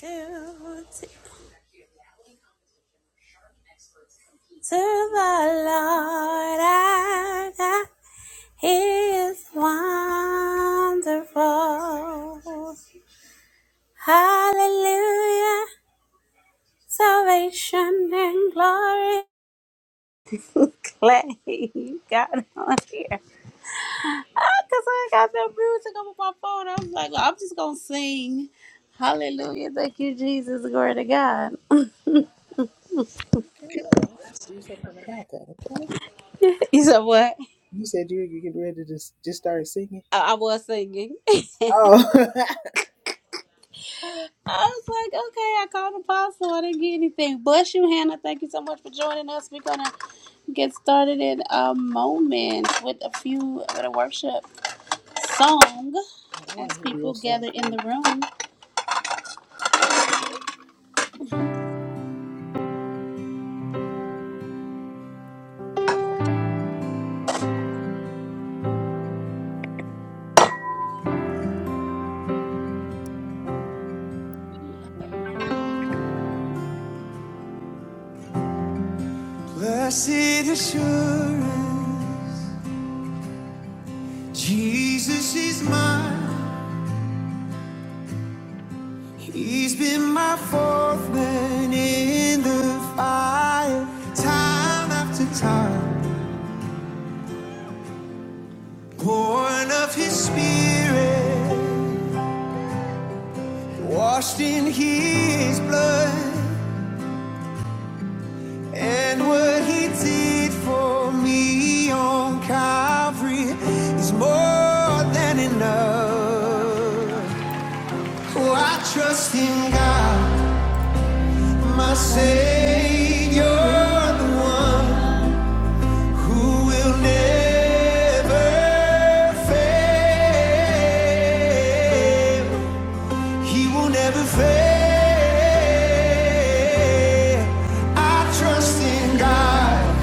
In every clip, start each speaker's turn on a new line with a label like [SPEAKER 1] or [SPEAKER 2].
[SPEAKER 1] to, to, the Lord our God. He is wonderful. Hallelujah. Salvation and glory. Clay, you got it on here. Because I got that music up on my phone. I was like, I'm just going to sing. Hallelujah. Thank you, Jesus. Glory to God. You said what? I, I was singing. I was like, okay, I called Apostle. I didn't get anything. Bless you, Hannah. Thank you so much for joining us. We're gonna get started in a moment with a few with a worship song as people gather in the room.
[SPEAKER 2] Jesus is mine. He's been my fourth man in the fire, time after time. Born of his spirit, washed in his blood, and what he did for me on Calvary is more than enough. Oh, I trust in God. My Savior, the one who will never fail. He will never fail. I trust in God,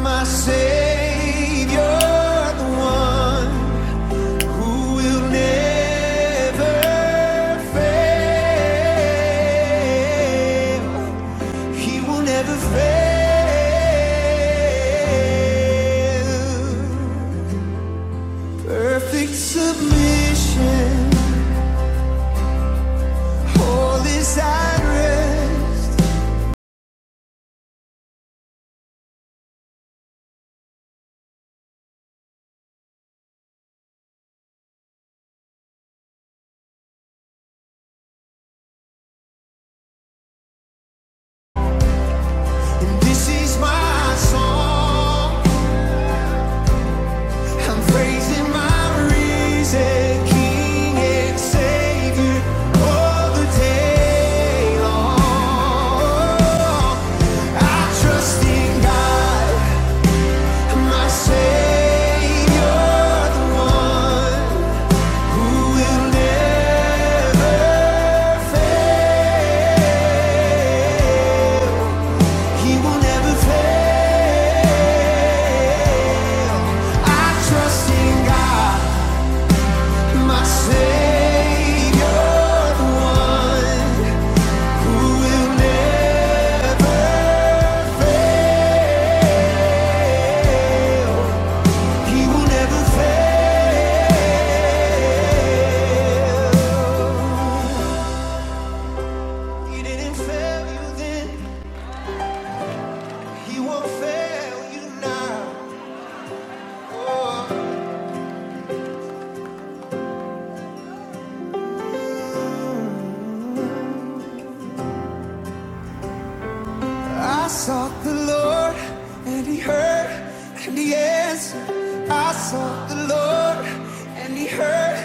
[SPEAKER 2] my Savior, the one who will never fail. He will never fail. Perfect submission. All is at rest. And this is my song. I'm praising my risen King and Savior all the day long. I trust in God. He didn't fail you then, he won't fail you now. Oh. I sought the Lord and he heard and he answered. I sought the Lord and he heard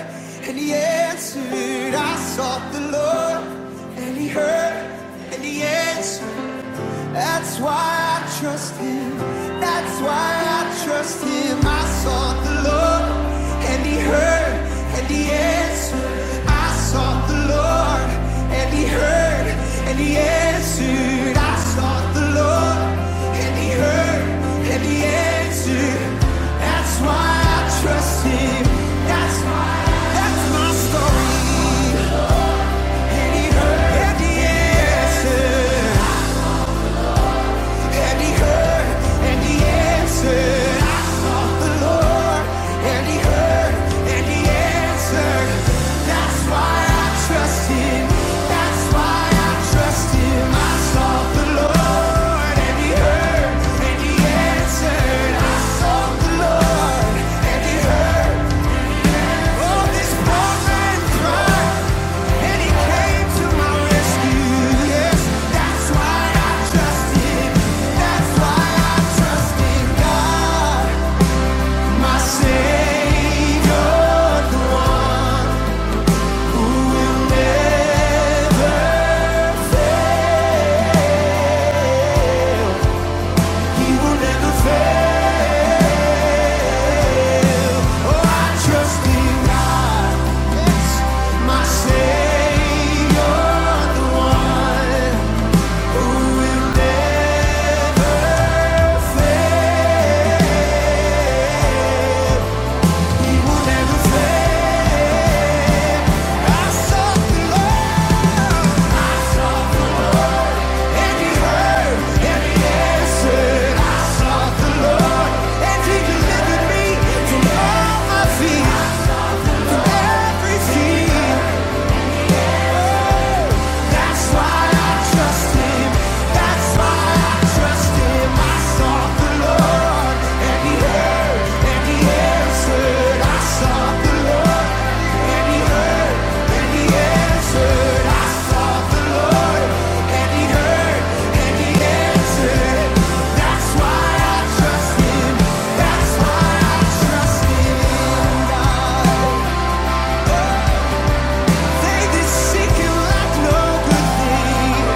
[SPEAKER 2] and he answered. I sought the Lord and he heard and he answered. That's why I trust him. That's why I trust him. I sought the Lord and he heard and he answered. I sought the Lord and he heard and he answered. I sought the Lord and he heard and he answered. That's why I trust him. That's why that's my story. And he heard and he answered and he heard and he answered. I sought the Lord and he heard and he answered. That's why I trust him. That's why I trust him. I sought the Lord and he heard and he answered. I sought the Lord and he heard my Savior, the one Delivered me from all my fears, from everything. They did seek you like no good thing.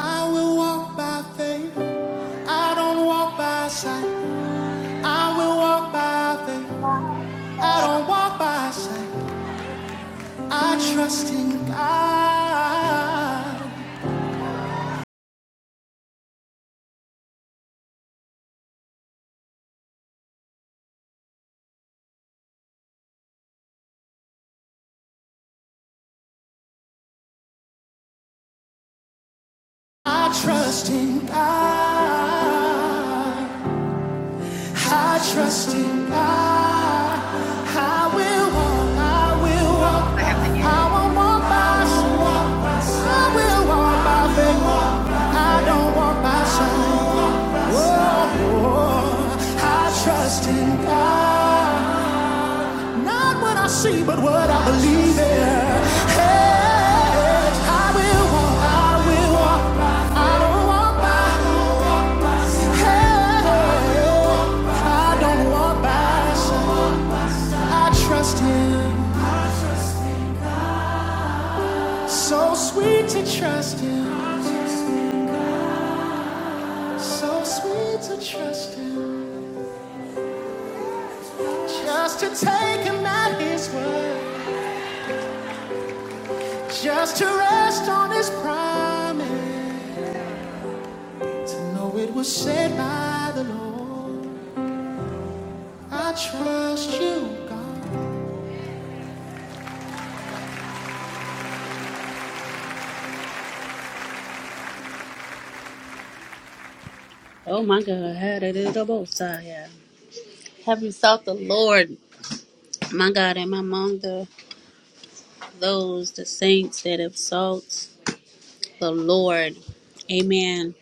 [SPEAKER 2] I will walk by faith. I don't walk by sight. I will walk by faith. I don't walk by sight. I trust in God. I trust in God. I trust in God. I will walk. I will walk. I will walk by sight. I will walk by faith. I don't walk by sight. Whoa, I trust in God. Not what I see, but what I believe in. Hey, I will walk, I will walk by. I don't walk by. I don't walk by. Hey, I don't walk by. I trust Him. So sweet to trust Him. So sweet to trust Him. Just to take Him at His word. Just to rest on His promise. To know it was said by the Lord, I trust you, God.
[SPEAKER 1] Oh my God, had it in the most high, yeah. Have you sought the Lord? My God, am among the those the saints that have sought the Lord. Amen.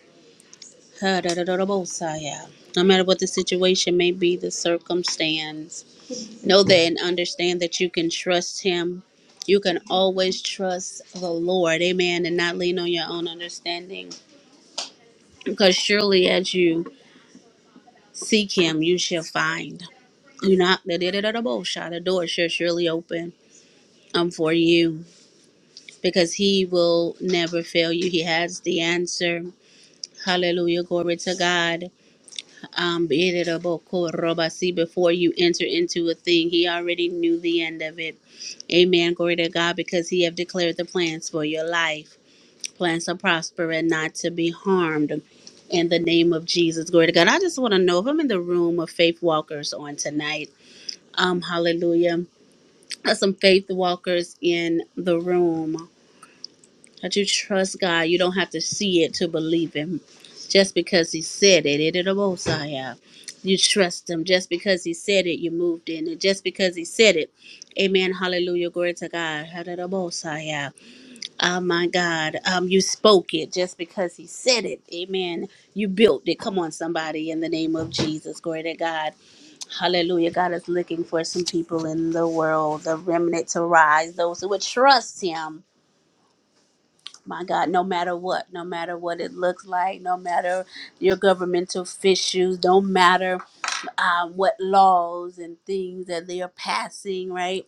[SPEAKER 1] Had it in the most high, yeah. No matter what the situation may be, the circumstance. Know that and understand that you can trust Him. You can always trust the Lord, amen, and not lean on your own understanding. Because surely as you seek Him, you shall find. You knock the the door shall surely open um, for you because He will never fail you. He has the answer. Hallelujah. Glory to God. um, Bididabokoroba. before you enter into a thing, he already knew the end of it. Amen. Glory to God, because he have declared the plans for your life, plans to prosper and not to be harmed. In the name of Jesus, glory to God. I just want to know if I'm in the room of faith walkers on tonight. Um, hallelujah. There's some faith walkers in the room. That you trust God. You don't have to see it to believe Him. Just because He said it, it it will say out. You trust Him. Just because He said it, you moved in it. Just because He said it, Amen. Hallelujah. Glory to God. How did it all say out? Oh my God. Um, you spoke it just because He said it. Amen. You built it. Come on, somebody. In the name of Jesus. Glory to God. Hallelujah. God is looking for some people in the world, the remnant to rise, those who would trust Him my God, no matter what, no matter what it looks like, no matter your governmental issues, no matter um, what laws and things that they are passing, right?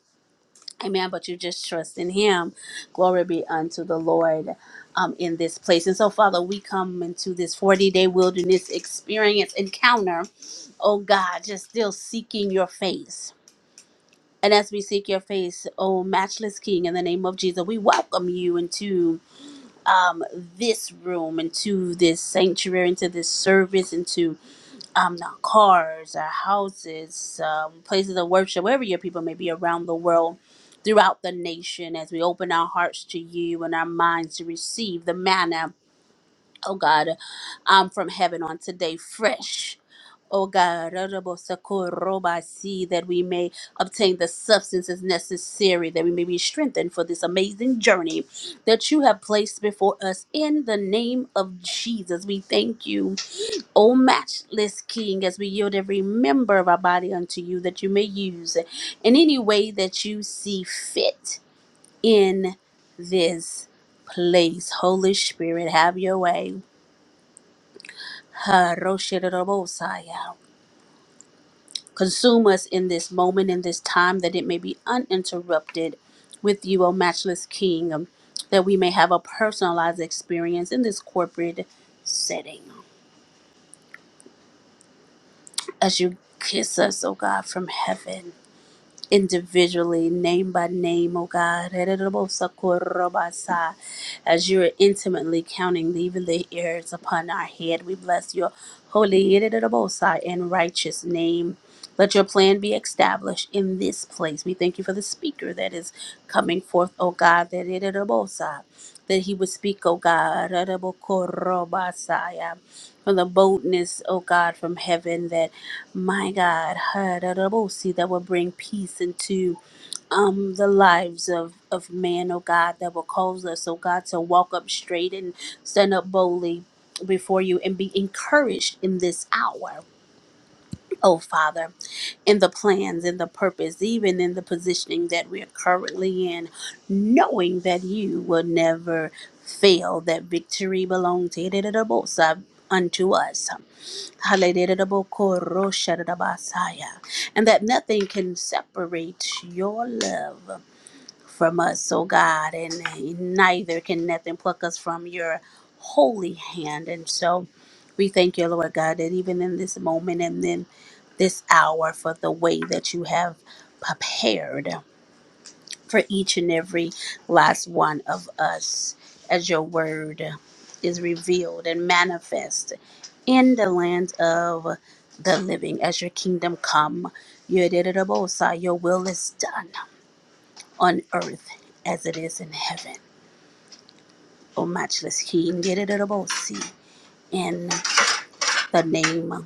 [SPEAKER 1] Amen. But you just trust in Him. Glory be unto the Lord um, in this place. And so, Father, we come into this 40 day wilderness experience encounter, oh God, just still seeking your face. And as we seek your face, oh matchless King, in the name of Jesus, we welcome you into um, this room, into this sanctuary, into this service, into um, the cars, our houses, um, places of worship, wherever your people may be around the world, throughout the nation, as we open our hearts to you and our minds to receive the manna oh God, um, from heaven on today, fresh. Oh God, see that we may obtain the substances necessary, that we may be strengthened for this amazing journey that you have placed before us. In the name of Jesus, we thank you, O matchless King, as we yield every member of our body unto you, that you may use in any way that you see fit in this place. Holy Spirit, have your way. Haroshirobosaya. Consume us in this moment, in this time, that it may be uninterrupted with you, O matchless King, um, that we may have a personalized experience in this corporate setting. As you kiss us, O God, from heaven, individually, name by name, oh God. As you are intimately counting even the hairs upon our head, we bless your holy and righteous name. Let your plan be established in this place. We thank you for the speaker that is coming forth, oh God, that that he would speak, oh God, from the boldness, oh God, from heaven that my God, Hadarabosi, that will bring peace into um, the lives of, of man, oh God, that will cause us, oh God, to walk up straight and stand up boldly before you and be encouraged in this hour, oh Father, in the plans, in the purpose, even in the positioning that we are currently in, knowing that you will never fail, that victory belongs to Hadarabosa unto us. Hallelujah. And that nothing can separate your love from us, oh God, and neither can nothing pluck us from your holy hand. And so we thank you, Lord God, that even in this moment and then this hour for the way that you have prepared for each and every last one of us as your word is revealed and manifest in the land of the living as your kingdom come your dederabosa, your will is done on earth as it is in heaven O matchless king dederabosi, in the name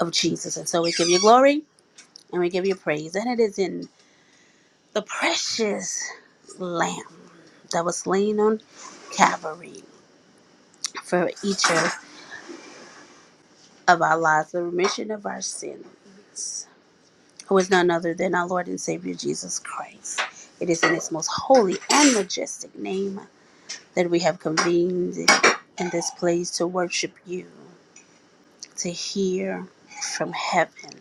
[SPEAKER 1] of jesus and so we give you glory and we give you praise and it is in the precious lamb that was slain on calvary for each of, of our lives, the remission of our sins, who is none other than our Lord and Savior Jesus Christ. It is in His most holy and majestic name that we have convened in this place to worship You, to hear from heaven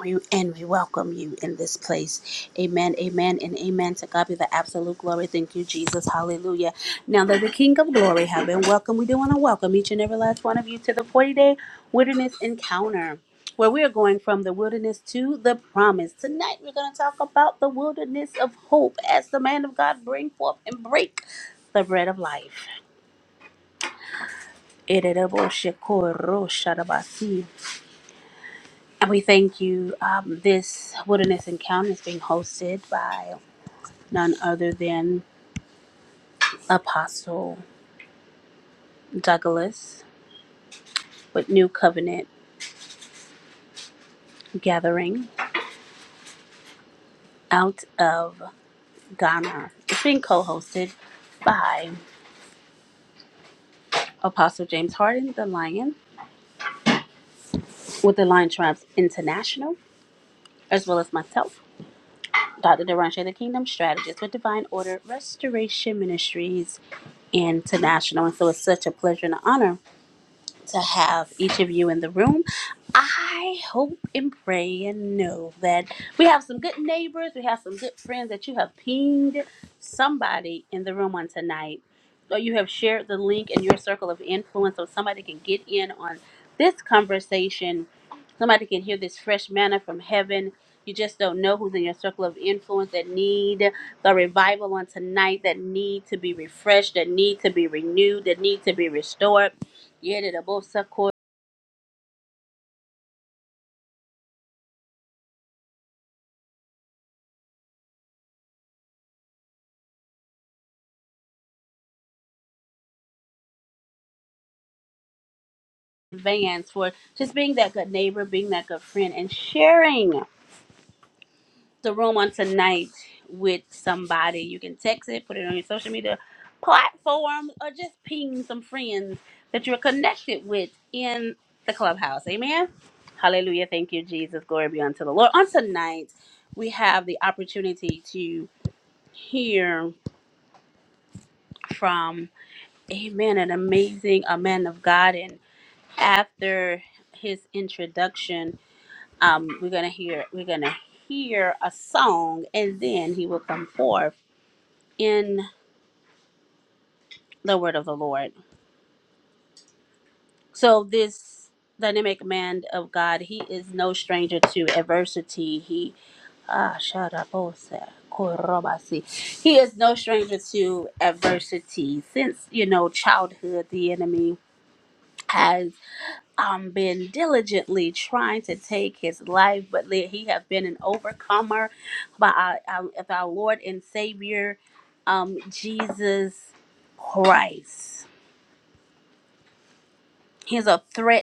[SPEAKER 1] We, and we welcome you in this place. Amen, amen, and amen. To God be the absolute glory. Thank you, Jesus. Hallelujah. Now that the King of glory have been welcomed, we do want to welcome each and every last one of you to the 40 day wilderness encounter. Where we are going from the wilderness to the promise. Tonight we're going to talk about the wilderness of hope as the man of God bring forth and break the bread of life. And we thank you. Um, this Wilderness Encounter is being hosted by none other than Apostle Douglas with New Covenant Gathering out of Ghana. It's being co hosted by Apostle James Harden, the Lion, with the Lion Tribes International, as well as myself, Dr. Deranche, the Kingdom Strategist with Divine Order Restoration Ministries International. And so it's such a pleasure and an honor to have each of you in the room. I hope and pray and know that we have some good neighbors, we have some good friends that you have pinged somebody in the room on tonight. Or you have shared the link in your circle of influence so somebody can get in on this conversation Somebody can hear this fresh manna from heaven. You just don't know who's in your circle of influence that need the revival on tonight, that need to be refreshed, that need to be renewed, that need to be restored. Yedidabosa ko- Advance for just being that good neighbor, being that good friend, and sharing. the room on tonight with somebody. You can text it, put it on your social media platform, or just ping some friends that you're connected with in the clubhouse. Amen. Hallelujah. Thank you, Jesus. Glory be unto the Lord. On tonight, we have the opportunity to hear from, amen, an amazing a man of God. And after his introduction, um, we're gonna hear we're gonna hear a song and then he will come forth in the word of the Lord. So this dynamic man of God, he is no stranger to adversity. He ah shut up, oh, sa- korobasi. He is no stranger to adversity. Since you know childhood, the enemy has um been diligently trying to take his life, but le- he has been an overcomer by our, our, of our Lord and Savior, um Jesus Christ. He's a threat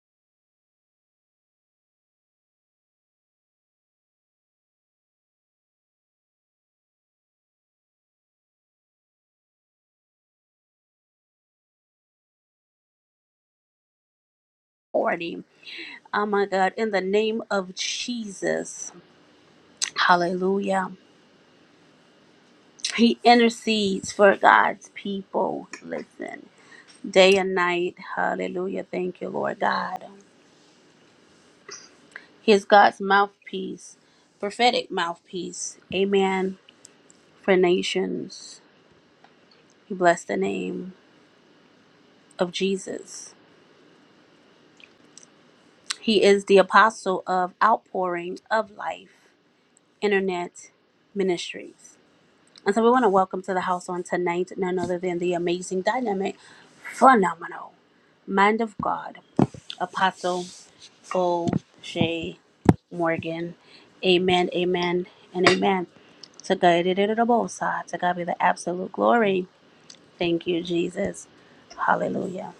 [SPEAKER 1] 40. Oh my God, in the name of Jesus. Hallelujah. He intercedes for God's people. Listen, day and night. Hallelujah. Thank you, Lord God. He is God's mouthpiece, prophetic mouthpiece. Amen. For nations. He blessed the name of Jesus. He is the apostle of outpouring of life, internet ministries. And so we want to welcome to the house on tonight none other than the amazing, dynamic, phenomenal mind of God, Apostle O'Shea Morgan. Amen, amen, and amen. To God it is the most high. To God be the absolute glory. Thank you, Jesus. Hallelujah.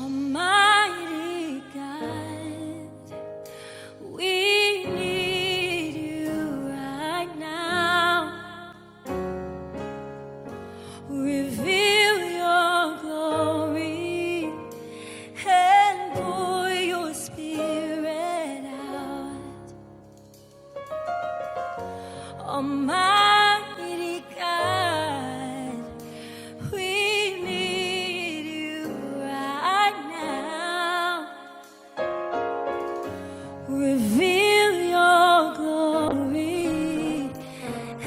[SPEAKER 2] Almighty God, we need you right now. Reveal your glory and pour your spirit out. Almighty God, we need you right now. Reveal your glory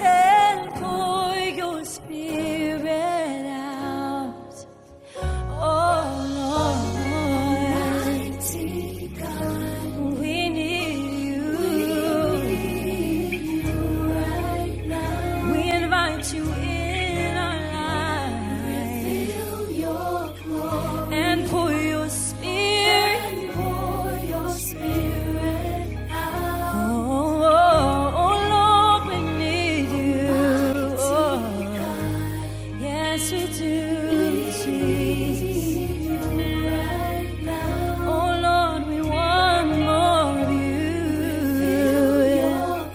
[SPEAKER 2] and pour your spirit out. And pour your spirit, oh, oh, oh Lord, we need you. Oh. oh. Yes, we do. Jesus. Oh Lord, we want more of you. yeah.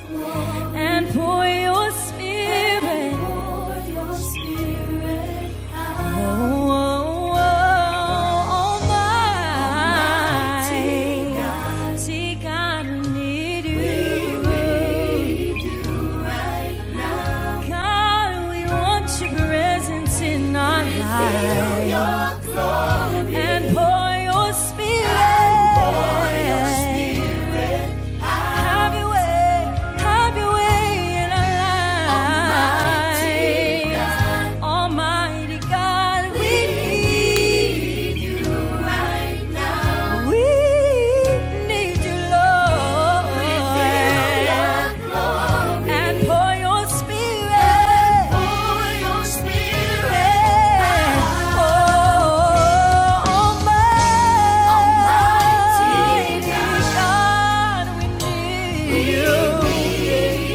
[SPEAKER 2] And pour your spirit. Oh, oh, oh, God, need you right now. God, we want your presence in our lives. Feel Your glory And pour your spirit. Have your way, have your way in our lives. Almighty God, we need you right now. We need you, Lord and for your spirit. Oh, Almighty God, we need you.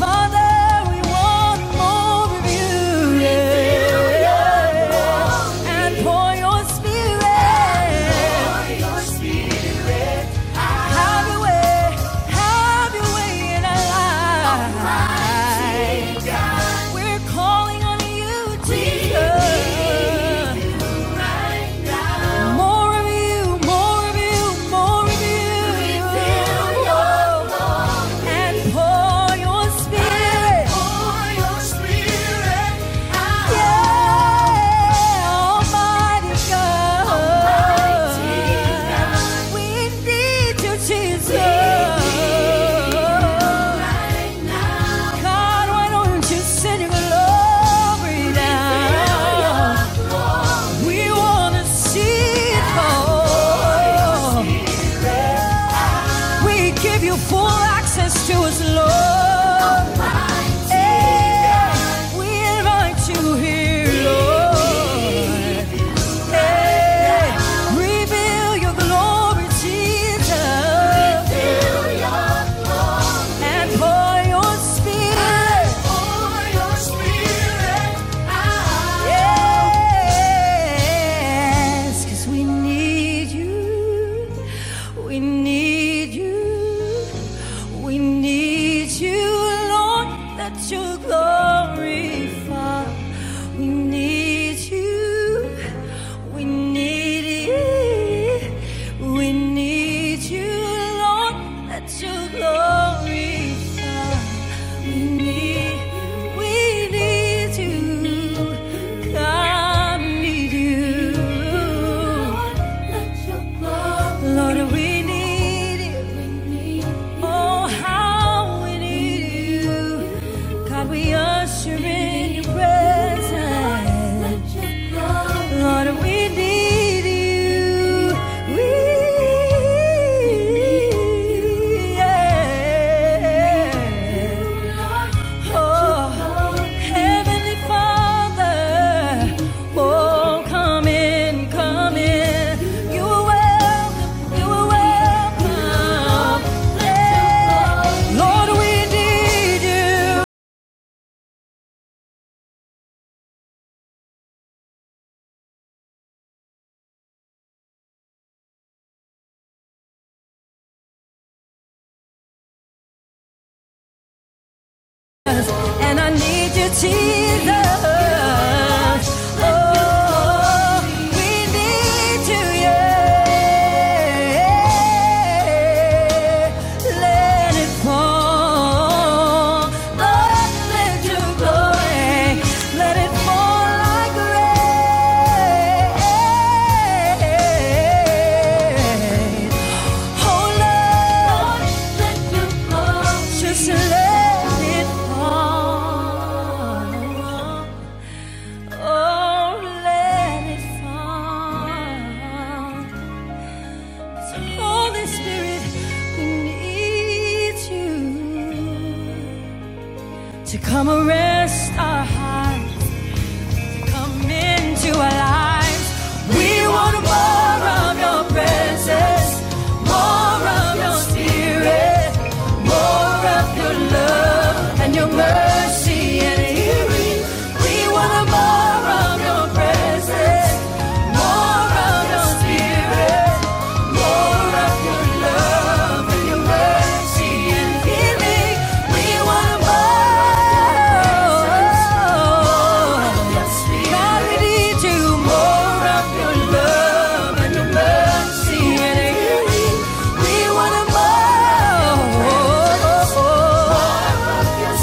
[SPEAKER 2] Father, we want more of you. Yeah. And pour your spirit. Have your way. Have your way in our lives. We're calling on you, Jesus. More of you, more of you, more of you. And pour your spirit. Yeah, Almighty God. We need you, Jesus. God, why don't you send your glory now? We wanna see it all. We give you full access to us, Lord. Yeah. We invite you here, Lord. Hey, reveal your glory, Jesus, and pour your spirit. Yes, 'cause we need you. We need you. We need you. Lord, let Your glory fall. We need you. We need you. We need you, Lord, let Your glory fall. We need, we need you. God, we need you. Lord, we need you. Oh, how we need you. God, we usher in your presence. Lord, we need you. We, yeah. Oh, Heavenly Father, oh, come in, come in. You are welcome, you are welcome. Yeah. Lord, we need you. And I need you, Jesus. Oh, we need you, yeah. Let it fall. Lord, let your glory, let it fall like rain. Oh love, Just let it fall. Oh, let it fall. Holy Spirit, we need you to come and rest our hearts. Come into our lives. We want more of your presence, more of your spirit, more of your love and your mercy and healing. We want more of your presence, more of your spirit. More of your love and your mercy and healing. We want more.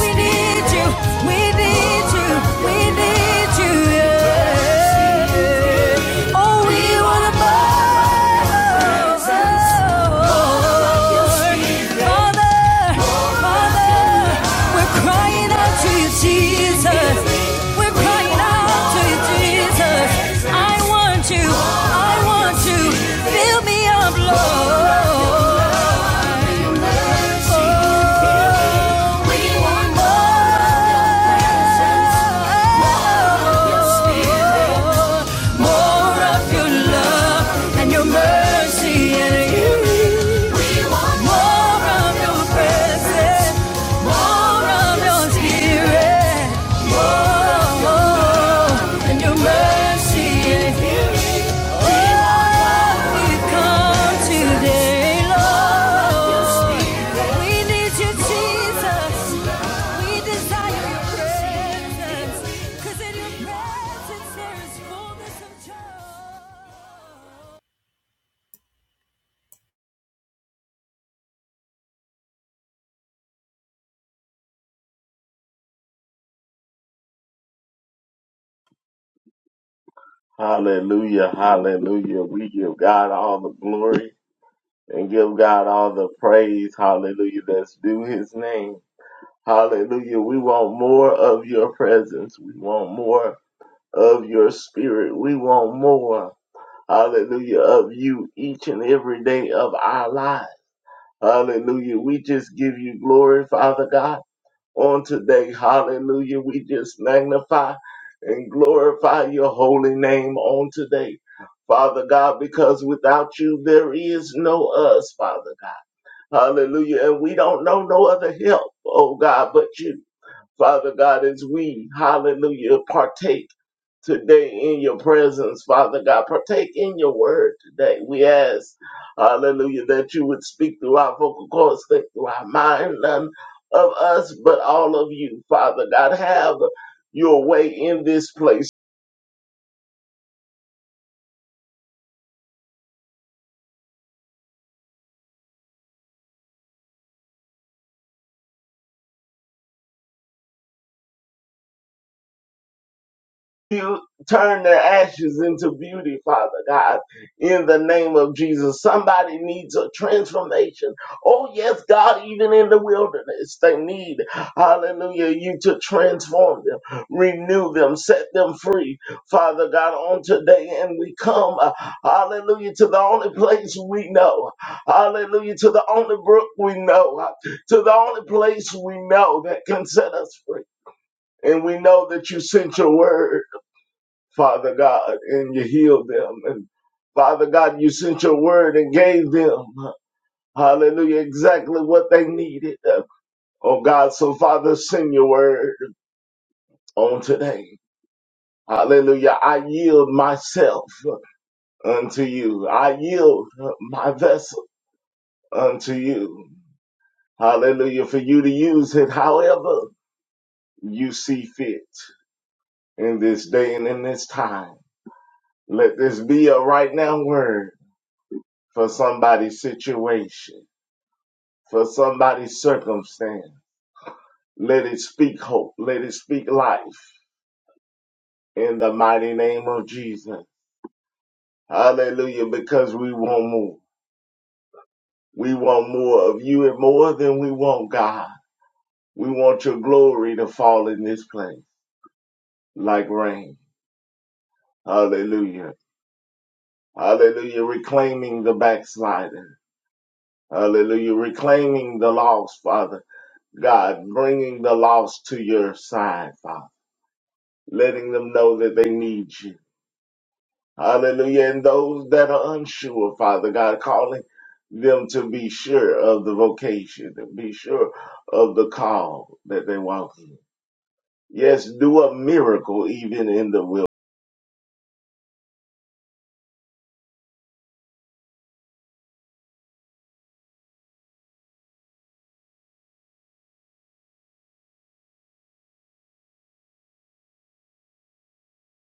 [SPEAKER 2] We need you. We need you. We need you. Yeah. Oh, we want more. Father, Father, we're crying out to you, Oh, more. of your love and your mercy and your more of your presence, more of your spirit, more than your mercy and healing. We come today, Lord. We need you, Jesus. We desire your presence. 'Cause in your presence there is fullness of joy.
[SPEAKER 3] Hallelujah, hallelujah. We give God all the glory and give God all the praise. Hallelujah. Let's do his name. Hallelujah. We want more of your presence. We want more of your spirit. We want more. Hallelujah. Of you each and every day of our lives. Hallelujah. We just give you glory, Father God on today. Hallelujah. We just magnify and glorify your holy name on today. Father God, because without you there is no us, Father God. Hallelujah. And we don't know no other help, oh God, but you. Father God, as we, hallelujah, partake today in your presence, Father God. Partake in your word today. We ask, hallelujah, that you would speak through our vocal cords, think through our mind, none of us, but all of you, Father God. Have your way in this place. You turn their ashes into beauty, Father God, in the name of Jesus. Somebody needs a transformation. Oh, yes, God, even in the wilderness, they need, hallelujah, you to transform them, renew them, set them free, Father God, on today. And we come, uh, hallelujah, to the only place we know, hallelujah, to the only brook we know, uh, to the only place we know that can set us free. And we know that you sent your word. Father God, and you healed them. And Father God, you sent your word and gave them, hallelujah, exactly what they needed. Oh God, so Father, send your word on today. Hallelujah. I yield myself unto you. I yield my vessel unto you. Hallelujah. For you to use it however you see fit in this day and in this time. Let this be a right now word for somebody's situation. for somebody's circumstance. Let it speak hope. Let it speak life in the mighty name of Jesus. Hallelujah. Because we want more. We want more of you and more than we want, God. We want your glory to fall in this place like rain. Hallelujah. Hallelujah. Reclaiming the backslider. Hallelujah. Reclaiming the lost, Father. God, bringing the lost to your side, Father. Letting them know that they need you Hallelujah. And those that are unsure, Father God, calling them to be sure of the vocation, to be sure of the call that they walk in. Yes, do a miracle even in the wilderness.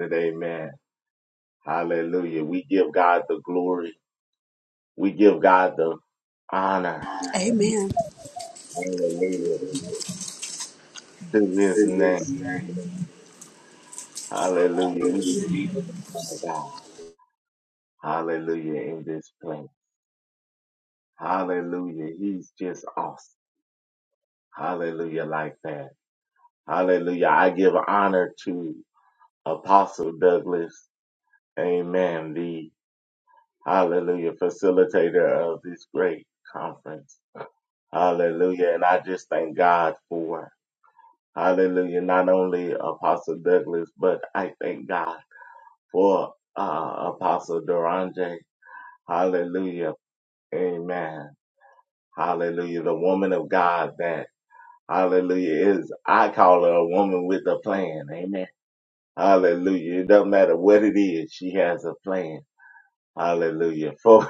[SPEAKER 3] Amen. Hallelujah. We give God the glory. We give God the honor.
[SPEAKER 1] Amen.
[SPEAKER 3] Hallelujah. Do his name. Hallelujah. We give God. Hallelujah in this place. Hallelujah. He's just awesome. Hallelujah like that. Hallelujah. I give honor to Apostle Douglas. Amen. The hallelujah facilitator of this great conference. Hallelujah. And I just thank God for hallelujah. Not only Apostle Douglas, but I thank God for uh, Apostle Duranje. Hallelujah. Amen. Hallelujah. The woman of God that hallelujah is, I call her a woman with a plan. Amen. Hallelujah. It doesn't matter what it is, she has a plan. Hallelujah. For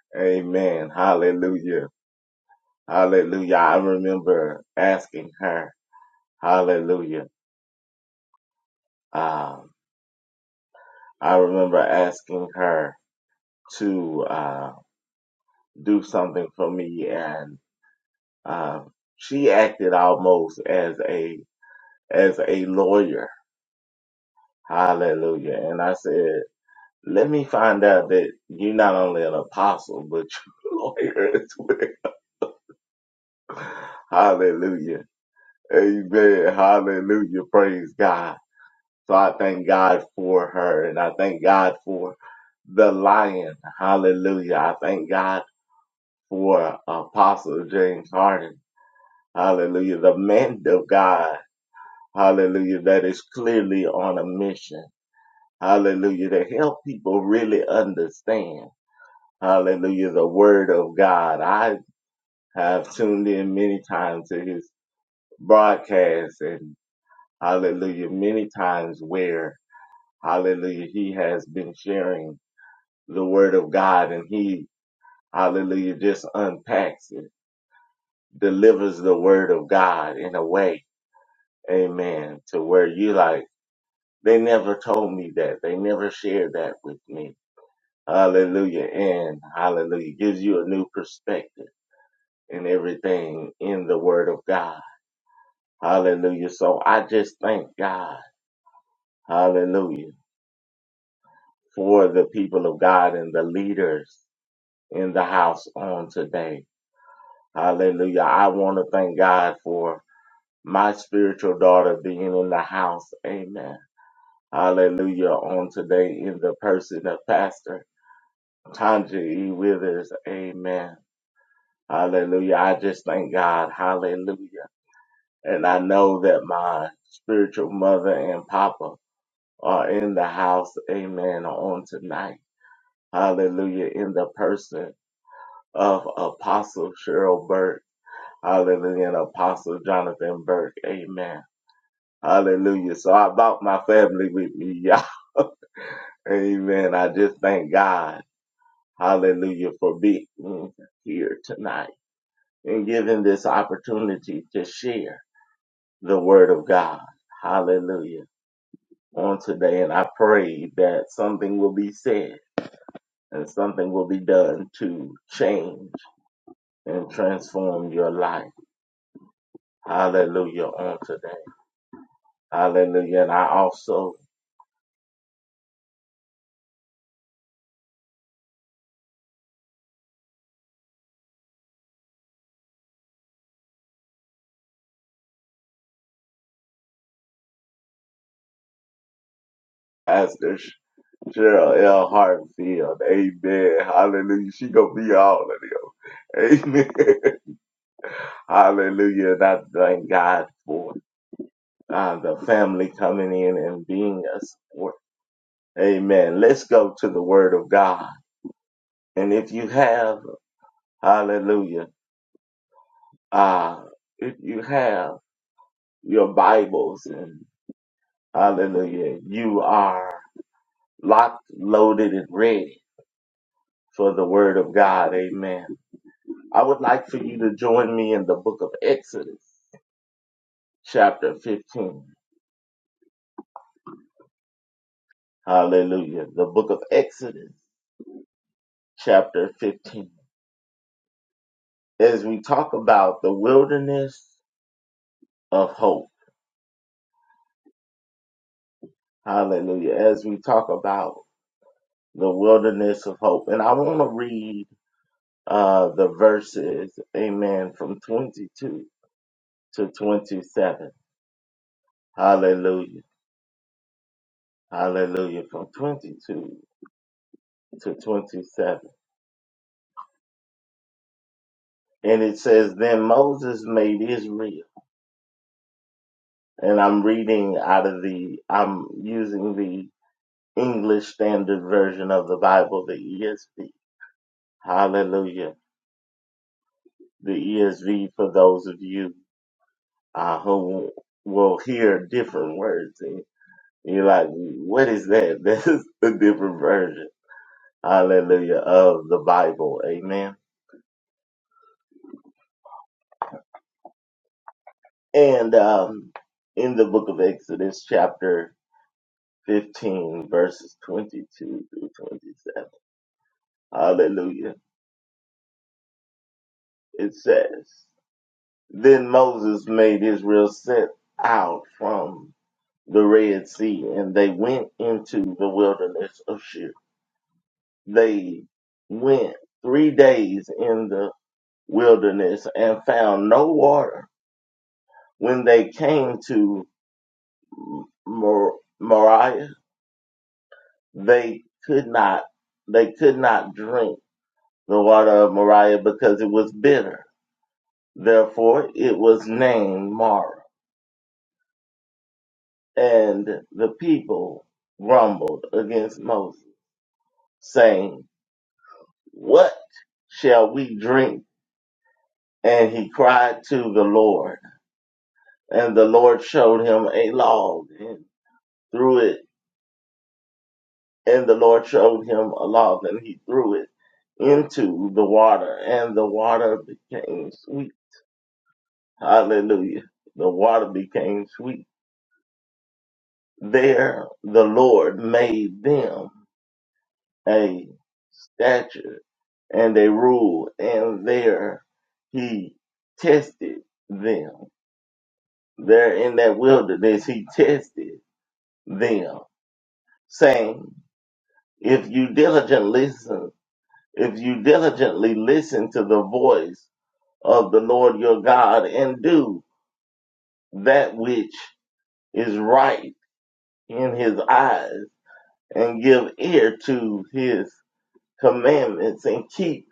[SPEAKER 3] Amen. Hallelujah. Hallelujah. I remember asking her, Hallelujah. Um, I remember asking her to uh, do something for me and um, she acted almost as a as a lawyer. Hallelujah. And I said, let me find out that you're not only an apostle, but you're a lawyer as well Hallelujah. Amen. Hallelujah. Praise God. So I thank God for her and I thank God for the lion. Hallelujah. I thank God for Apostle James Harden. Hallelujah. The man of God. Hallelujah. That is clearly on a mission. Hallelujah. To help people really understand. Hallelujah. The word of God. I have tuned in many times to his broadcast and hallelujah, many times where, hallelujah, he has been sharing the word of God and he, hallelujah, just unpacks it, delivers the word of God in a way, amen, to where you like, they never told me that. They never shared that with me. Hallelujah. And hallelujah gives you a new perspective in everything in the word of God. Hallelujah. So I just thank God. Hallelujah. for the people of God and the leaders in the house on today. Hallelujah. I want to thank God for my spiritual daughter being in the house. Amen. Hallelujah. On today in the person of Pastor Tanja E. Withers. Amen. Hallelujah. I just thank God. Hallelujah. And I know that my spiritual mother and papa are in the house. Amen. On tonight. Hallelujah. In the person of Apostle Cheryl Burke. Hallelujah. And Apostle Jonathan Burke. Amen. Hallelujah. So I brought my family with me, y'all. Amen. I just thank God. Hallelujah for being here tonight and giving this opportunity to share the word of God. Hallelujah. On today. And I pray that something will be said and something will be done to change and transform your life. Hallelujah. On today. Hallelujah. And I also, Pastor Sh- Cheryl L. Hartfield, amen. Hallelujah. She going to be all of them. Amen. Hallelujah. And I thank God for uh, the family coming in and being a support. Amen. Let's go to the word of God. And if you have, hallelujah, uh, if you have your Bibles and hallelujah, you are locked, loaded, and ready. for the word of God. Amen. I would like for you to join me in the book of Exodus, chapter 15. Hallelujah. The book of Exodus, chapter 15. As we talk about the wilderness of hope. Hallelujah. As we talk about the wilderness of hope. And I want to read uh, the verses, amen, from 22 to 27. Hallelujah. Hallelujah. From 22 to 27. and it says, Then Moses made Israel. And I'm reading out of the, I'm using the English Standard Version of the Bible, the ESV. Hallelujah. The ESV for those of you uh, who will hear different words. And you're like, what is that? That's a different version. Hallelujah of the Bible. Amen. And um, in the book of Exodus, chapter 15, verses 22 through 27. Hallelujah. It says, Then Moses made Israel set out from the Red Sea, and they went into the wilderness of Shur. They went three days in the wilderness and found no water. When they came to Mor- Moriah, they could not they could not drink the water of Moriah because it was bitter. Therefore, it was named Mara. And the people grumbled against Moses, saying, What shall we drink? And he cried to the Lord. And the Lord showed him a log and threw it. And the Lord showed him a log and he threw it into the water. And the water became sweet. Hallelujah. The water became sweet. There the Lord made them a statute and they ruled, and there he tested them. There in that wilderness, he tested them, saying, If you diligently listen, if you diligently listen to the voice of the Lord your God and do that which is right in his eyes and give ear to his commandments and keep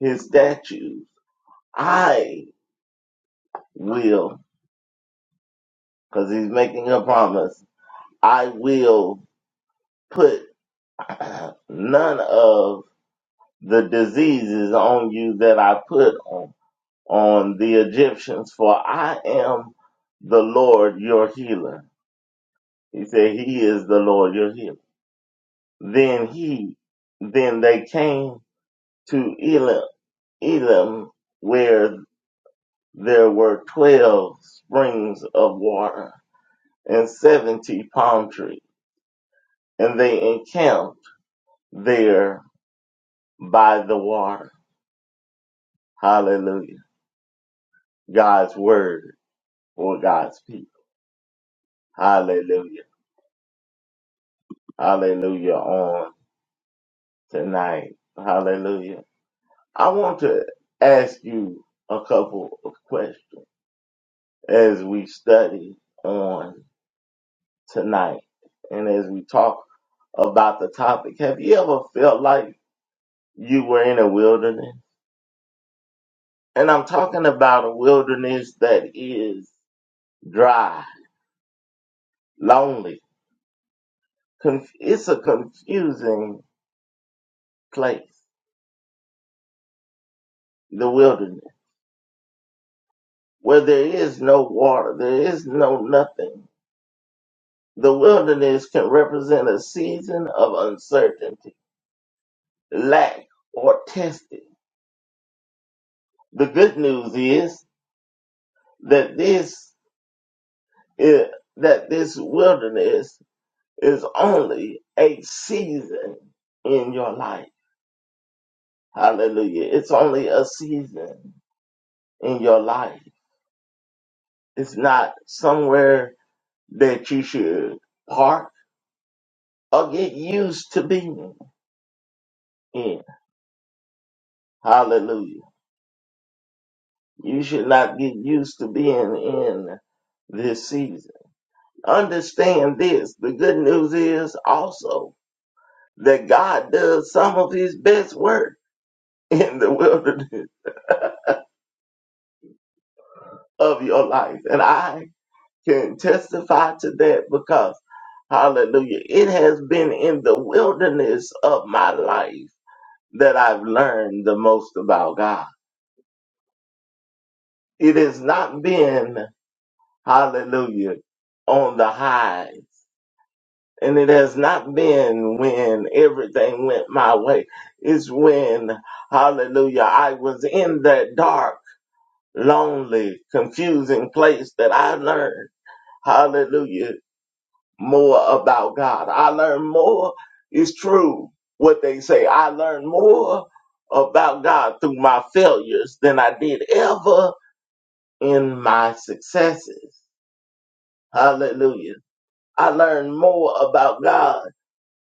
[SPEAKER 3] his statutes, I will, because he's making a promise. I will put none of the diseases on you that I put on, on the Egyptians, for I am the Lord your healer. He said, He is the Lord your healer. Then he, then they came to Elim, Elam where there were 12 springs of water and 70 palm trees, and they encamped there by the water Hallelujah. God's word for God's people. Hallelujah. Hallelujah on tonight. Hallelujah. I want to ask you a couple of questions as we study on tonight and as we talk about the topic. Have you ever felt like you were in a wilderness? And I'm talking about a wilderness that is dry, lonely. Conf- it's a confusing place. the wilderness where there is no water, there is no nothing. The wilderness can represent a season of uncertainty, lack, or testing. The good news is that this is, that this wilderness is only a season in your life. Hallelujah. It's only a season in your life. It's not somewhere that you should park or get used to being in. Hallelujah. You should not get used to being in this season. Understand this. The good news is also that God does some of his best work in the wilderness of your life. And I can testify to that because, hallelujah, it has been in the wilderness of my life that I've learned the most about God. It has not been, hallelujah, on the high And it has not been when everything went my way. It's when, hallelujah, I was in that dark, lonely, confusing place that I learned, hallelujah, more about God. I learned more. It's true what they say. I learned more about God through my failures than I did ever in my successes. Hallelujah. I learned more about God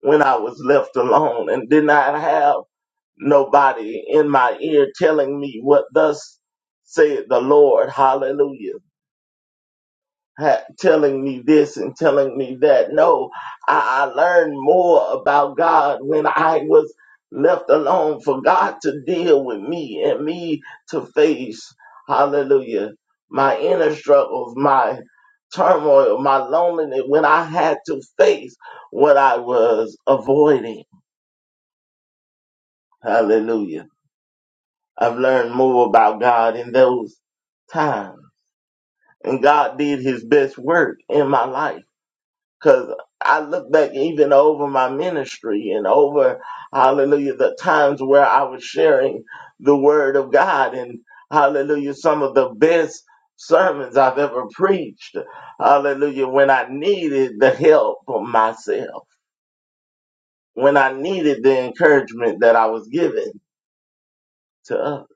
[SPEAKER 3] when I was left alone and did not have nobody in my ear telling me what thus said the Lord. Hallelujah. Ha- telling me this and telling me that. No, I, I learned more about God when I was left alone for God to deal with me and me to face. Hallelujah. My inner struggles, my turmoil, my loneliness when I had to face what I was avoiding. Hallelujah. I've learned more about God in those times. And God did his best work in my life. Cause I look back even over my ministry and over, hallelujah, the times where I was sharing the word of God and hallelujah, some of the best sermons I've ever preached. Hallelujah. When I needed the help of myself, when I needed the encouragement that I was given to others.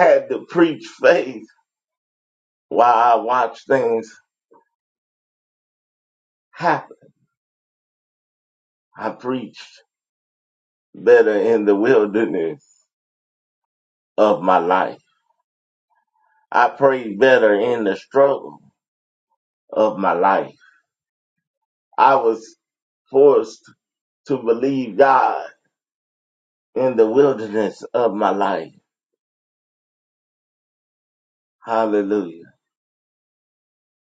[SPEAKER 3] had to preach faith While I watched things happen, I preached better in the wilderness of my life. I prayed better in the struggle of my life. I was forced to believe God in the wilderness of my life. Hallelujah.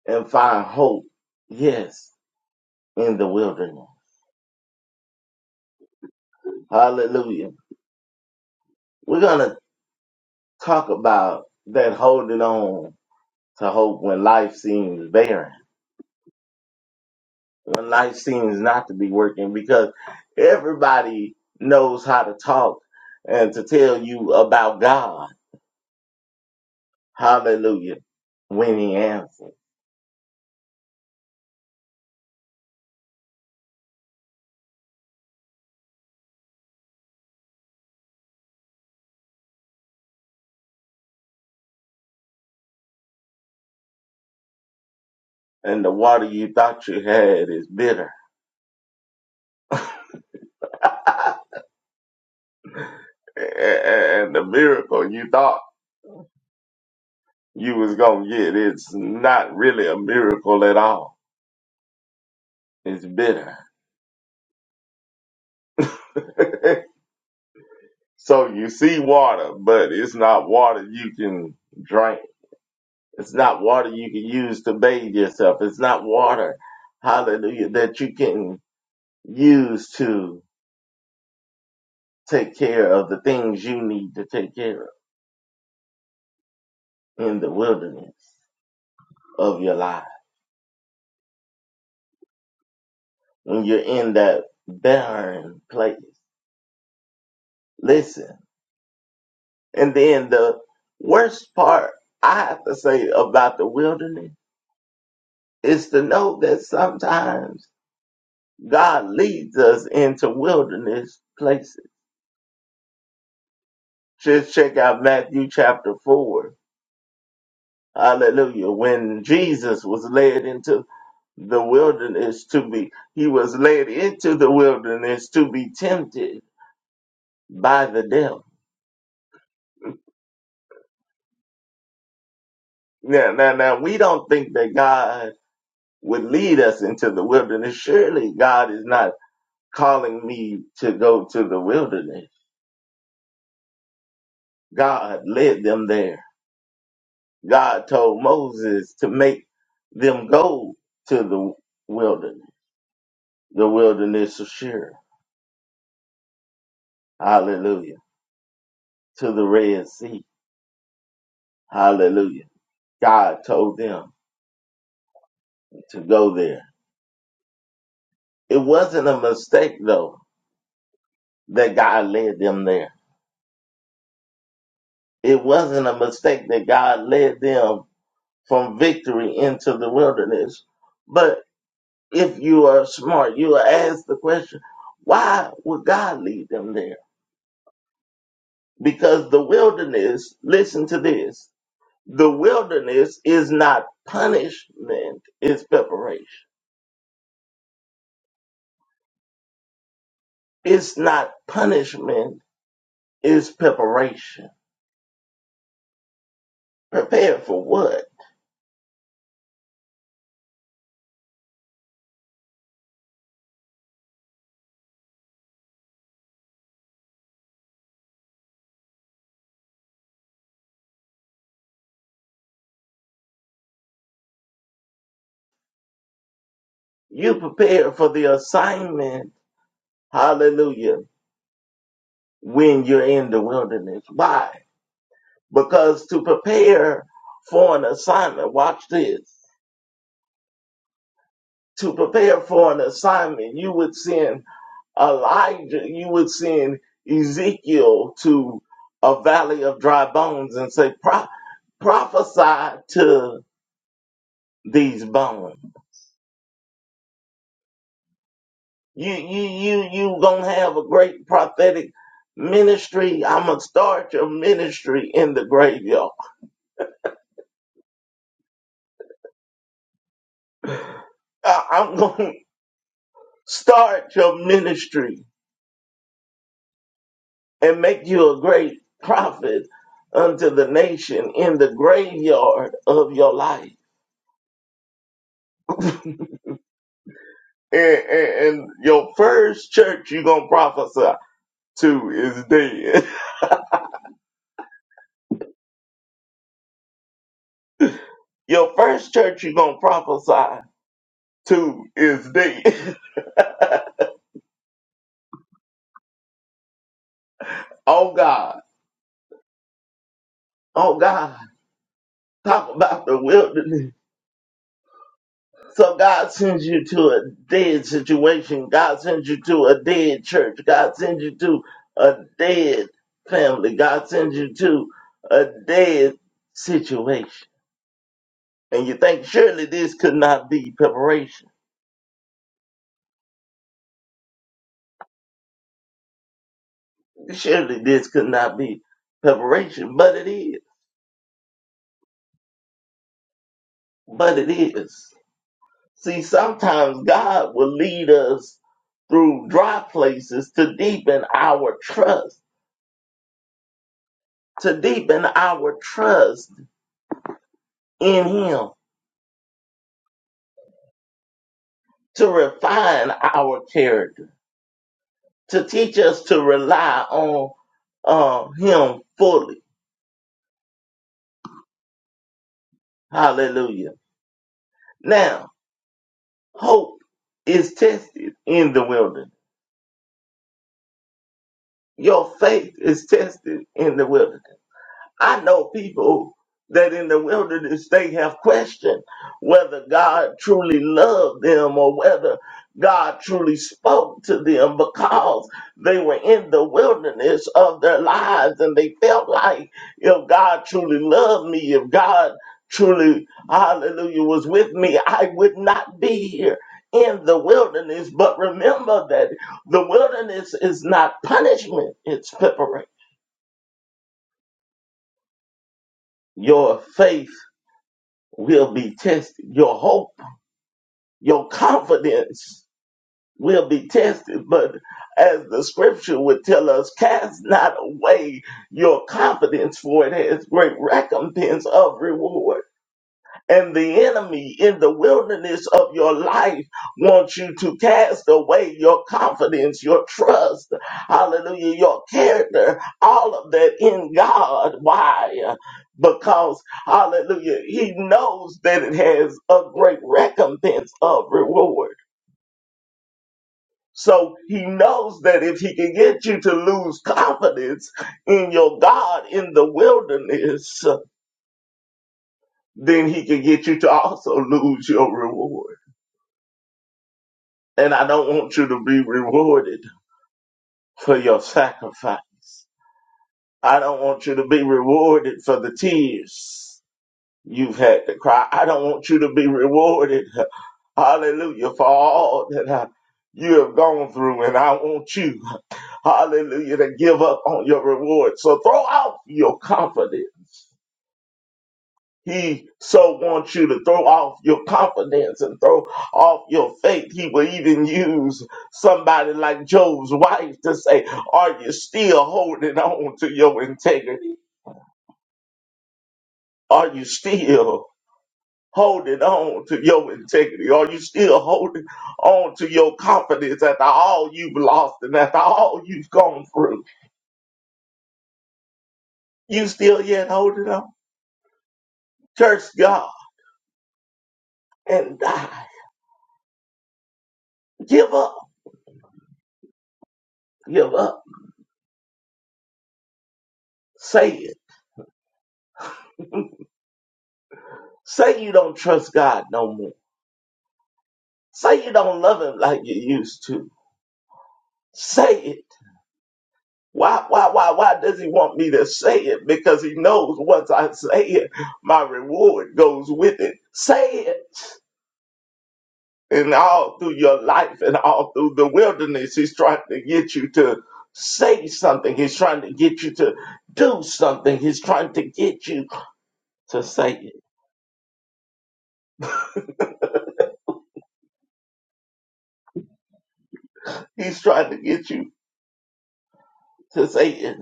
[SPEAKER 3] And find hope, yes, in the wilderness. Hallelujah. We're going to talk about that holding on to hope when life seems barren when life seems not to be working because everybody knows how to talk and to tell you about God. Hallelujah. When he answers. And the water you thought you had is bitter. A- a- And the miracle you thought you was gonna get, it's not really a miracle at all. It's bitter. so you see water, but it's not water you can drink It's not water you can use to bathe yourself. It's not water, hallelujah, that you can use to take care of the things you need to take care of in the wilderness of your life. When you're in that barren place, listen. And then the worst part I have to say about the wilderness is to know that sometimes God leads us into wilderness places. Just check out Matthew chapter 4 Hallelujah. When Jesus was led into the wilderness to be, he was led into the wilderness to be tempted by the devil. Now, now, now, we don't think that God would lead us into the wilderness. Surely God is not calling me to go to the wilderness. God led them there. God told Moses to make them go to the wilderness, the wilderness of Shur. Hallelujah. To the Red Sea. Hallelujah. God told them to go there. It wasn't a mistake, though, that God led them there. It wasn't a mistake that God led them from victory into the wilderness. But if you are smart, you will ask the question, why would God lead them there? Because the wilderness, listen to this, the wilderness is not punishment, it's preparation. It's not punishment, it's preparation Prepared for what? You prepared for the assignment, hallelujah, when you're in the wilderness. Why? Because to prepare for an assignment, watch this. To prepare for an assignment, you would send Elijah, you would send Ezekiel to a valley of dry bones and say, Pro- prophesy to these bones. You you you you gonna have a great prophetic ministry. I'm gonna start your ministry in the graveyard. I, I'm gonna start your ministry and make you a great prophet unto the nation in the graveyard of your life. And, and, and your first church you're gonna prophesy to is dead. Your first church you're gonna prophesy to is dead. Oh God, oh God, talk about the wilderness So God sends you to a dead situation. God sends you to a dead church. God sends you to a dead family. God sends you to a dead situation. And you think, surely this could not be preparation. Surely this could not be preparation. But it is. But it is. See, sometimes God will lead us through dry places to deepen our trust, to deepen our trust in Him to refine our character, to teach us to rely on um, Him fully. Hallelujah. Now, hope is tested in the wilderness. Your faith is tested in the wilderness. I know people that in the wilderness they have questioned whether God truly loved them or whether God truly spoke to them because they were in the wilderness of their lives and they felt like if God truly loved me, if God truly, hallelujah, was with me, I would not be here in the wilderness. But remember that the wilderness is not punishment, it's preparation. Your faith will be tested. Your hope, your confidence will be tested. But as the scripture would tell us, cast not away your confidence, for it has great recompense of reward and the enemy in the wilderness of your life wants you to cast away your confidence, your trust, hallelujah, your character, all of that in God. Why? Because, hallelujah, he knows that it has a great recompense of reward. So he knows that if he can get you to lose confidence in your God in the wilderness, then he can get you to also lose your reward. And I don't want you to be rewarded for your sacrifice. I don't want you to be rewarded for the tears you've had to cry. I don't want you to be rewarded, hallelujah, for all that uh, you have gone through. And I want you, hallelujah, to give up on your reward. So throw out your confidence. He so wants you to throw off your confidence and throw off your faith. He will even use somebody like Job's wife to say, Are you still holding on to your integrity? Are you still holding on to your integrity? Are you still holding on to your confidence after all you've lost and after all you've gone through? You still yet holding on? Curse God and die. Give up. Give up. Say it. Say you don't trust God no more. Say you don't love him like you used to. Say it. Why, why, why, why does he want me to say it? Because he knows once I say it, my reward goes with it. Say it. And all through your life and all through the wilderness, he's trying to get you to say something. He's trying to get you to do something. He's trying to get you to say it. He's trying to get you to say it.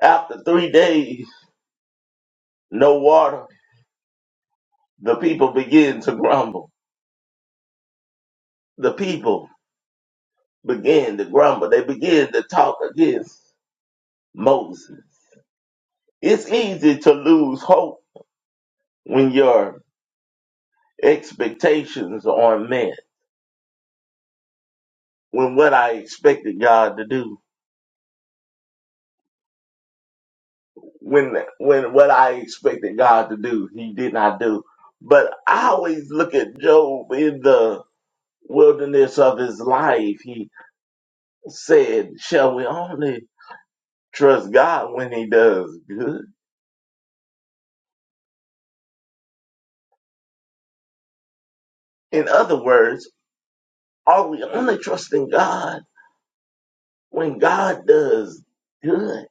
[SPEAKER 3] After three days, no water the people begin to grumble. The people begin to grumble. They begin to talk against Moses. It's easy to lose hope when your expectations aren't met. When what I expected God to do, when when what I expected God to do, He did not do. But I always look at Job in the wilderness of his life. He said, "Shall we only trust God when He does good?" In other words Are we only trusting God when God does good?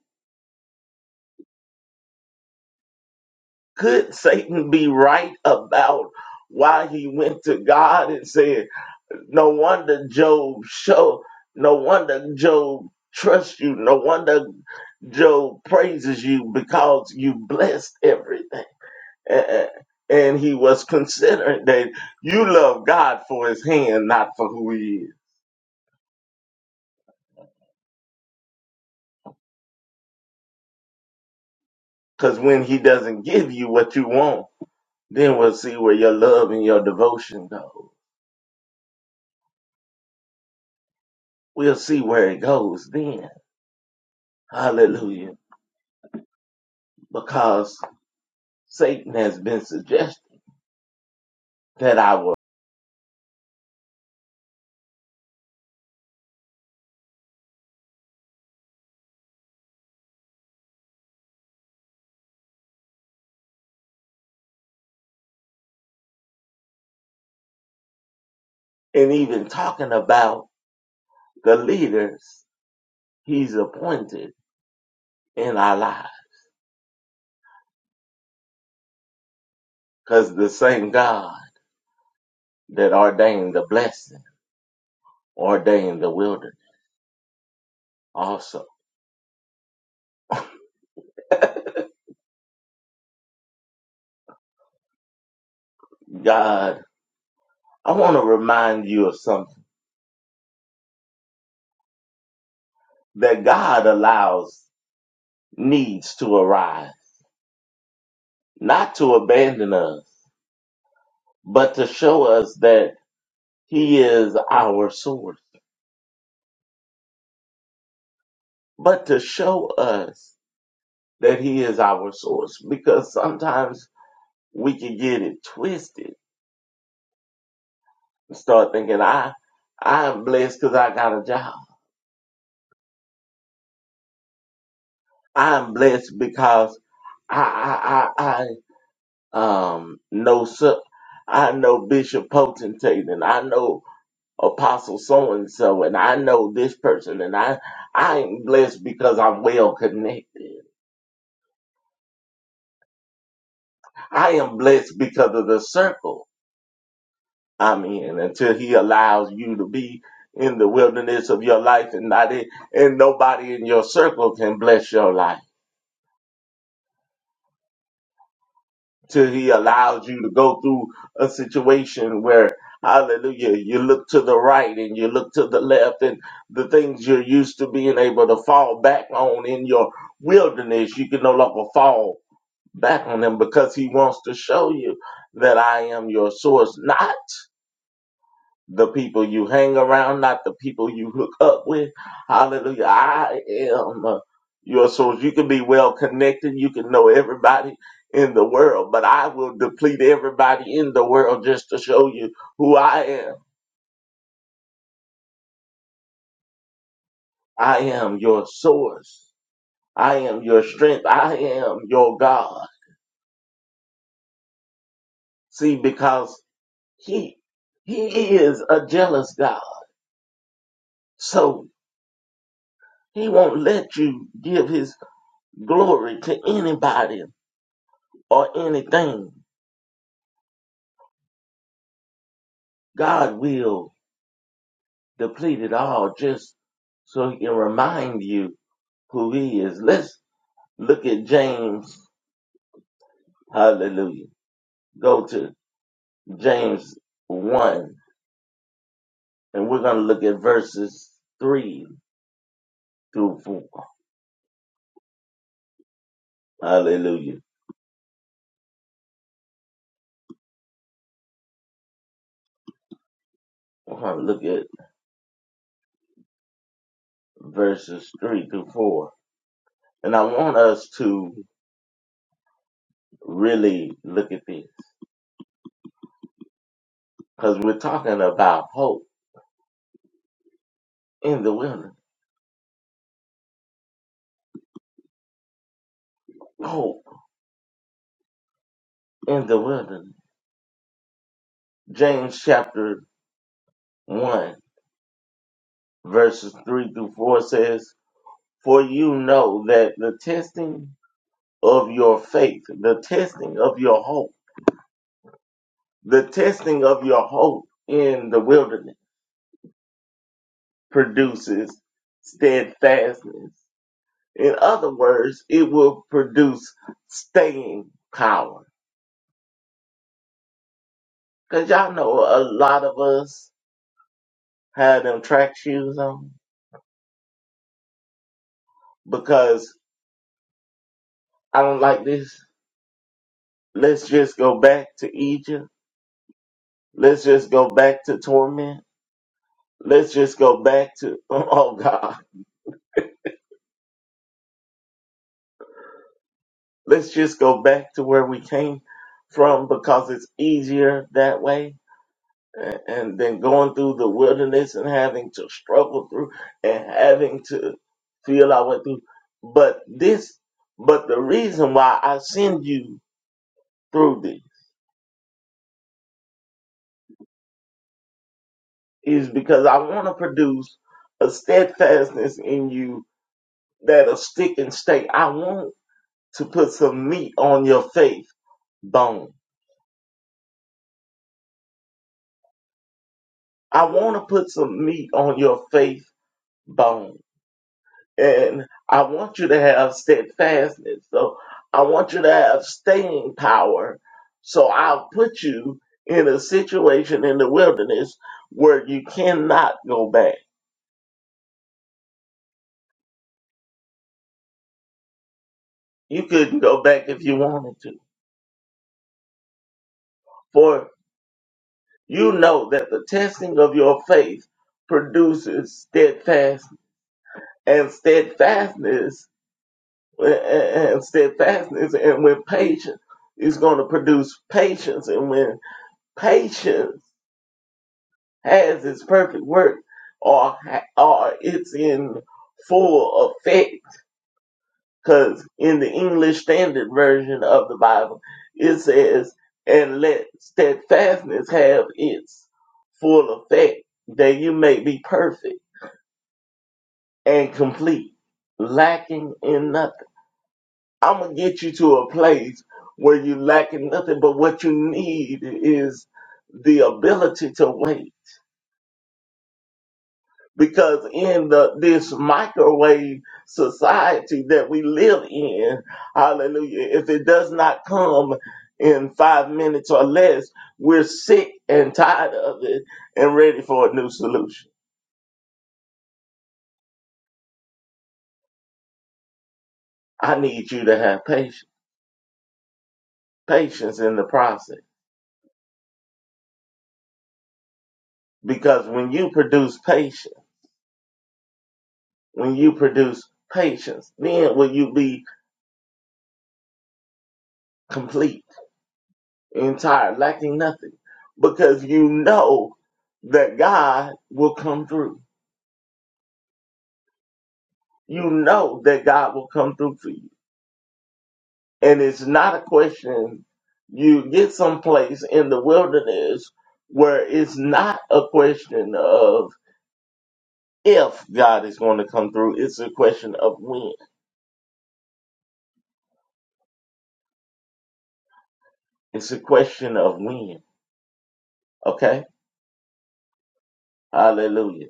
[SPEAKER 3] Could Satan be right about why he went to God and said, No wonder Job show no wonder Job trusts you, no wonder Job praises you because you blessed everything. A- a- And he was considering that you love God for his hand, not for who he is. Because when he doesn't give you what you want, Then we'll see where your love and your devotion go. We'll see where it goes then. Hallelujah. Because Satan has been suggesting that I will. And even talking about the leaders he's appointed in our lives. Because the same God that ordained the blessing ordained the wilderness also. God, I want to remind you of something that God allows needs to arise, not to abandon us but to show us that he is our source, but to show us that he is our source, because sometimes we can get it twisted and start thinking, I, I am blessed because I got a job. I am blessed because I, I, I, I, um, know, so- I know Bishop Potentate and I know Apostle so and so and I know this person and I, I am blessed because I'm well connected I am blessed because of the circle I'm in until he allows you to be in the wilderness of your life and not in, and nobody in your circle can bless your life till he allows you to go through a situation where hallelujah you look to the right and you look to the left and the things you're used to being able to fall back on in your wilderness you can no longer fall back on them because he wants to show you that I am your source not the people you hang around, not the people you hook up with. Hallelujah. I am uh, your source. You can be well connected. You can know everybody in the world, but I will deplete everybody in the world just to show you who I am. I am your source. I am your strength. I am your God. See, because he, he is a jealous God. So he won't let you give his glory to anybody or anything God will deplete it all just so he can remind you who he is. Let's look at James. Hallelujah. Go to James 1 and we're going to look at verses 3 through 4. Hallelujah. We're going to look at verses 3 through 4. And I want us to really look at this because we're talking about hope in the wilderness. Hope in the wilderness. James chapter 1 verses 3 through 4 says, For you know that the testing of your faith, the testing of your hope, the testing of your hope in the wilderness produces steadfastness. In other words, it will produce staying power. Because y'all know a lot of us have them track shoes on because I don't like this. Let's just go back to Egypt. Let's just go back to torment Let's just go back to, oh God, let's just go back to where we came from because it's easier that way. And and then going through the wilderness and having to struggle through and having to feel our way through. But this, but the reason why I send you through this is because I want to produce a steadfastness in you that'll stick and stay. I want to put some meat on your faith bone I want to put some meat on your faith bone. And I want you to have steadfastness. So I want you to have staying power. So I'll put you in a situation in the wilderness where you cannot go back. You couldn't go back if you wanted to. For you know that the testing of your faith produces steadfastness. And steadfastness and steadfastness and when patience is going to produce patience and when patience has its perfect work or, ha- or it's in full effect because in the english standard version of the bible it says and let steadfastness have its full effect that you may be perfect and complete lacking in nothing I'm gonna get you to a place where you lacking nothing, but what you need is the ability to wait. Because in the this microwave society that we live in, hallelujah, if it does not come in five minutes or less, we're sick and tired of it and ready for a new solution. I need you to have patience, patience in the process. Because when you produce patience, When you produce patience, then will you be complete, entire, lacking nothing. Because you know that God will come through. You know that God will come through for you. And it's not a question. You get someplace in the wilderness where it's not a question of if God is going to come through. It's a question of when. It's a question of when. Okay? Hallelujah.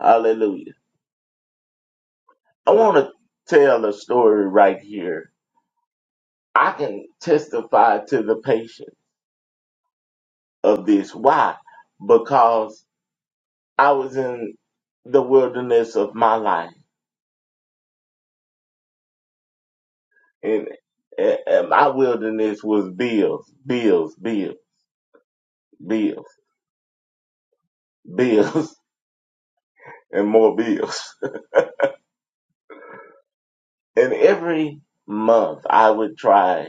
[SPEAKER 3] Hallelujah. I want to tell a story right here. I can testify to the patient of this. Why? Because I was in the wilderness of my life, and, and my wilderness was bills, bills, bills, bills, bills, and more bills. And every month, I would try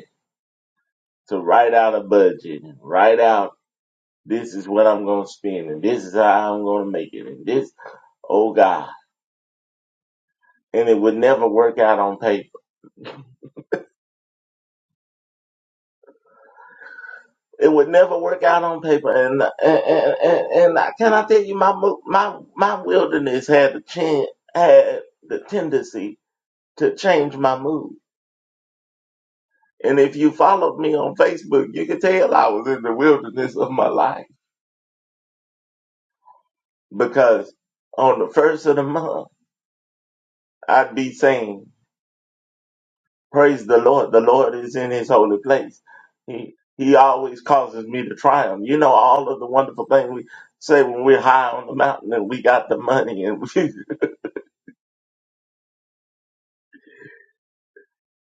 [SPEAKER 3] to write out a budget, and write out this is what I'm going to spend, and this is how I'm going to make it, and this, oh God. and it would never work out on paper. It would never work out on paper. And and and, and, and I, can I tell you, my mo- my my wilderness had the chin, had the tendency to change my mood. And if you followed me on Facebook, you could tell I was in the wilderness of my life because on the first of the month, I'd be saying. Praise the Lord. The Lord is in his holy place. He he always causes me to triumph. You know all of the wonderful things we say when we're high on the mountain and we got the money and we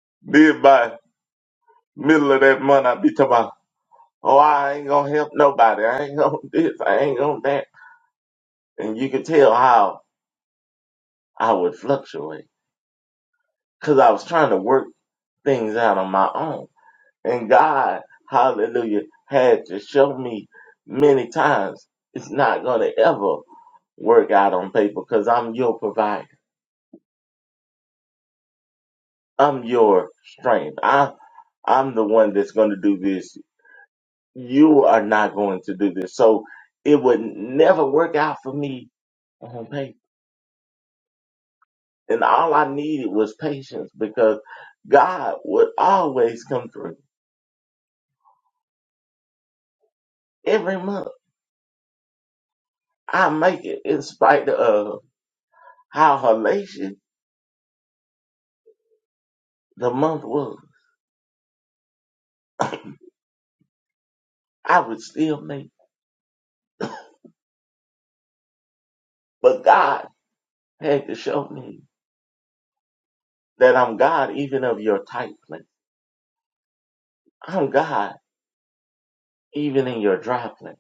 [SPEAKER 3] did by middle of that month I be talking about, oh I ain't gonna help nobody. I ain't gonna this, I ain't gonna that. And you can tell how I would fluctuate. Cause I was trying to work things out on my own. And God, hallelujah, had to show me many times it's not gonna ever work out on paper because I'm your provider. I'm your strength. I, I'm the one that's going to do this. You are not going to do this. So it would never work out for me on paper. And all I needed was patience because God would always come through every month. I make it in spite of how hellacious the month was. I would still make it. But God had to show me that I'm God even of your tight place. I'm God even in your dry place.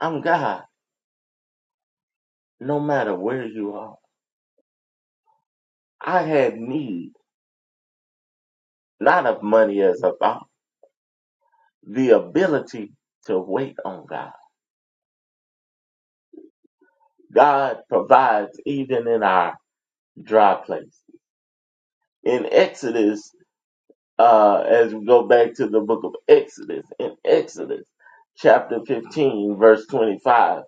[SPEAKER 3] I'm God, no matter where you are. I had need, not of money as of all, the ability to wait on God. God provides even in our dry place. In Exodus, uh, as we go back to the book of Exodus, in Exodus chapter 15, verse 25,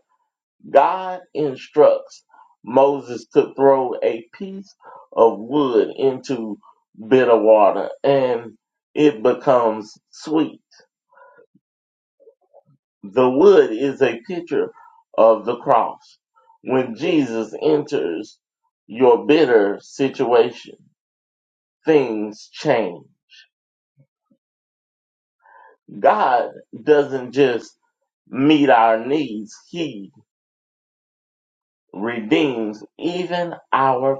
[SPEAKER 3] God instructs Moses to throw a piece of wood into bitter water and it becomes sweet. The wood is a picture of the cross. When Jesus enters your bitter situation, things change. God doesn't just meet our needs, He redeems even our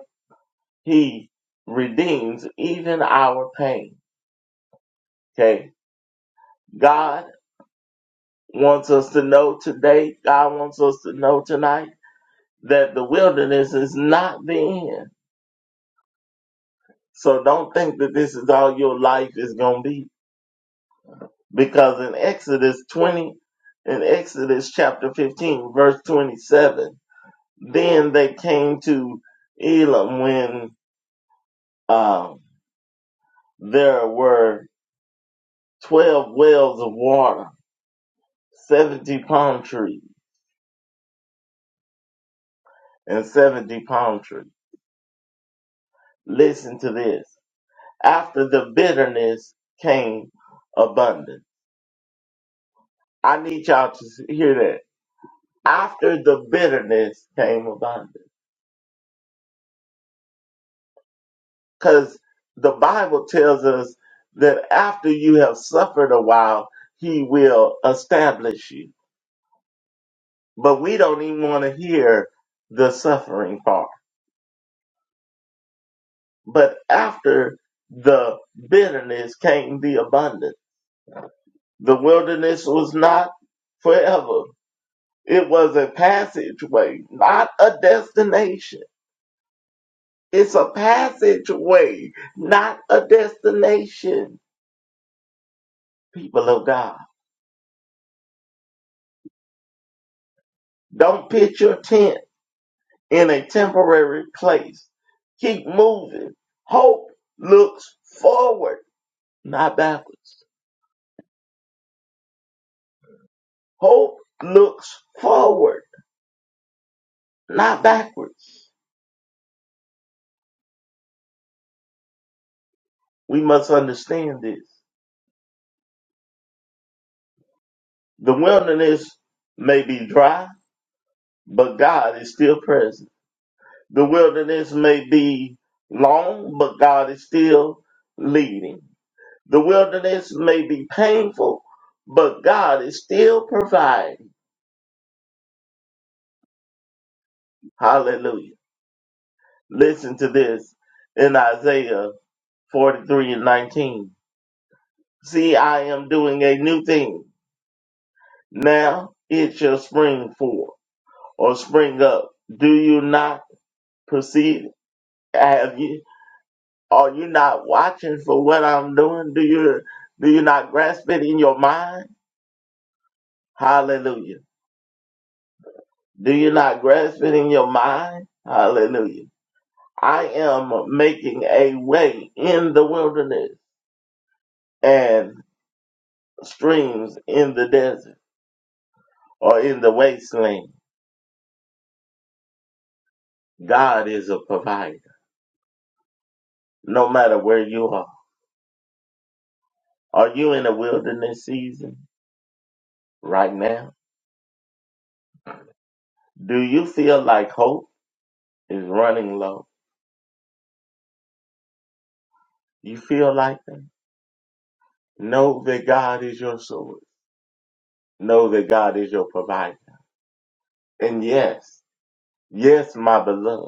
[SPEAKER 3] He redeems even our pain. Okay. God wants us to know today, God wants us to know tonight that the wilderness is not the end. So don't think that this is all your life is going to be. Because in Exodus 20, in Exodus chapter 15, verse 27, then they came to Elam when um, there were 12 wells of water, 70 palm trees, and 70 palm trees. Listen to this After the bitterness came abundance. I need y'all to s- hear that. After the bitterness came abundance. Because the Bible tells us that after you have suffered a while, he will establish you. But we don't even want to hear the suffering part. But after the bitterness came the abundance. The wilderness was not forever It was a passageway, not a destination. It's a passageway, not a destination, people of God. Don't pitch your tent in a temporary place. Keep moving. Hope looks forward, not backwards. Hope looks forward, not backwards. We must understand this. The wilderness may be dry, but God is still present. The wilderness may be long, but God is still leading. The wilderness may be painful, but God is still providing. Hallelujah. Listen to this in Isaiah 43 and 19. See, I am doing a new thing. Now it shall spring forth or spring up. Do you not perceive? Have you? Are you not watching for what I'm doing? Do you do you not grasp it in your mind? Hallelujah. Do you not grasp it in your mind? Hallelujah. I am making a way in the wilderness and streams in the desert or in the wasteland. God is a provider, no matter where you are. Are you in a wilderness season right now? Do you feel like hope is running low? You feel like that? Know that God is your source. Know that God is your provider. And yes, yes, my beloved.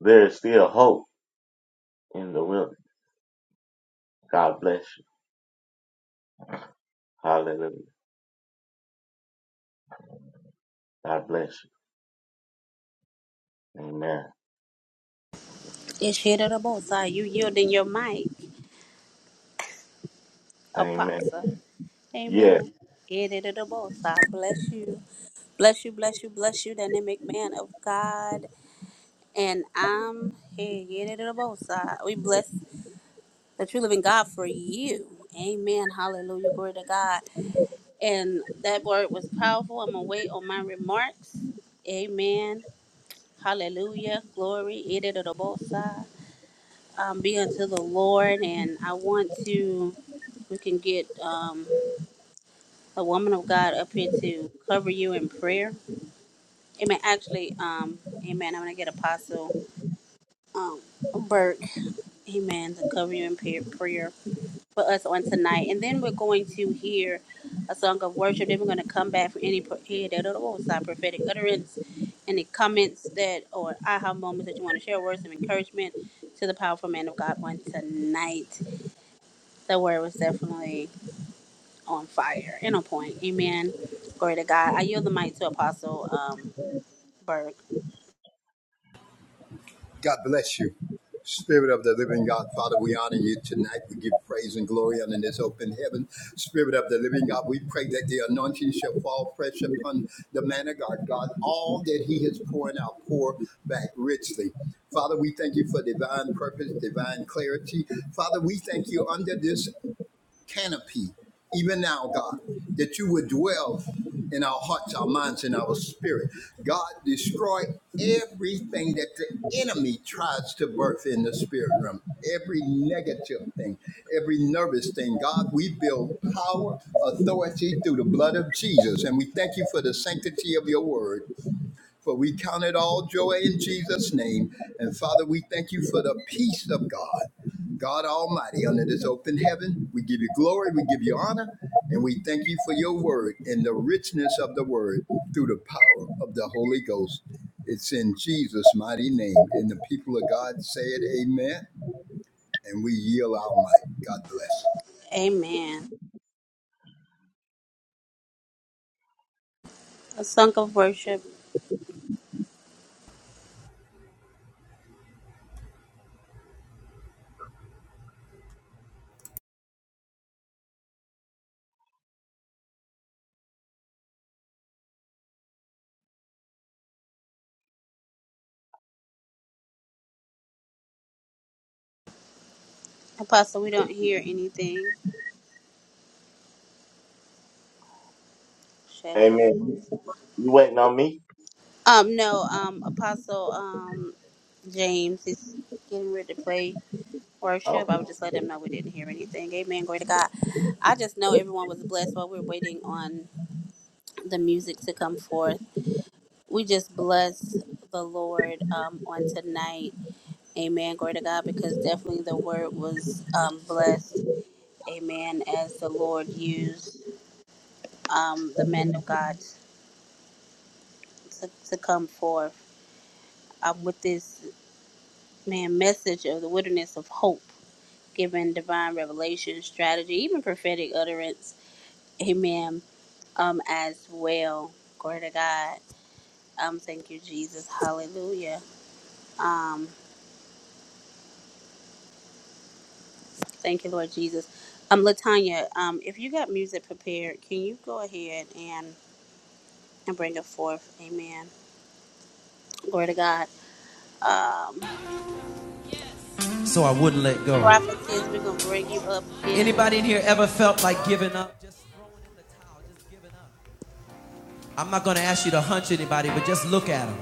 [SPEAKER 3] There is still hope in the wilderness. God bless you. Hallelujah. God bless you. Amen.
[SPEAKER 1] It's here to the most high. You yielding your mic,
[SPEAKER 3] Amen.
[SPEAKER 1] Apostle.
[SPEAKER 3] Yeah.
[SPEAKER 1] Amen. It is the most high. Bless you. Bless you, bless you, bless you, dynamic man of God. And I'm here, get it on both sides. We bless that you live in God for you. Amen. Hallelujah. Glory to God. And that word was powerful. I'm going to wait on my remarks. Amen. Hallelujah. Glory. It it on both sides. Um, be unto the Lord. And I want to, we can get um, a woman of God up here to cover you in prayer. Amen. Actually, um, amen. I'm going to get apostle. um, Burke, amen, the covering prayer, prayer for us on tonight. And then we're going to hear a song of worship. Then we're going to come back for any pro- eh, da- da- what was that, prophetic utterance, any comments that or aha moments that you want to share, words of encouragement to the powerful man of God on tonight. The word was definitely on fire and on point. Amen. Glory to God. I yield the mic to Apostle um, Burke.
[SPEAKER 4] God bless you. Spirit of the living God, Father, we honor you tonight. We give praise and glory under this open heaven. Spirit of the living God, we pray that the anointing shall fall fresh upon the man of God. God, all that he has poured out, pour back richly. Father, we thank you for divine purpose, divine clarity. Father, we thank you under this canopy, even now, God, that you would dwell in our hearts, our minds, and our spirit. God, destroy everything that the enemy tries to birth in the spirit realm, every negative thing, every nervous thing. God, we build power, authority through the blood of Jesus, and we thank you for the sanctity of your word. For we count it all joy in Jesus' name. And Father, we thank you for the peace of God, God Almighty, under this open heaven. We give you glory, we give you honor, and we thank you for your word and the richness of the word through the power of the Holy Ghost. It's in Jesus' mighty name. And the people of God say it, Amen. And we yield our might. God bless.
[SPEAKER 1] Amen. A song of worship. Apostle, we don't hear anything.
[SPEAKER 3] Amen. You waiting on me?
[SPEAKER 1] Um, no, um, Apostle um James is getting ready to play
[SPEAKER 3] Oh,
[SPEAKER 1] worship. I would just let him know we didn't hear anything. Amen. Glory to God. I just know everyone was blessed while we are waiting on the music to come forth. We just bless the Lord um on tonight. Amen. Glory to God because definitely the word was um blessed. Amen. As the Lord used um the man of God to, to come forth. Um, with this man message of the wilderness of hope given divine revelation strategy even prophetic utterance amen um as well glory to god um thank you jesus hallelujah um thank you lord jesus um latanya um if you got music prepared can you go ahead and and bring it forth amen glory to god um
[SPEAKER 2] so I wouldn't let go.
[SPEAKER 1] prophetess we're gonna bring you up in
[SPEAKER 2] Anybody in here ever felt like giving up? I'm not going to ask you to hunch anybody, but just look at them.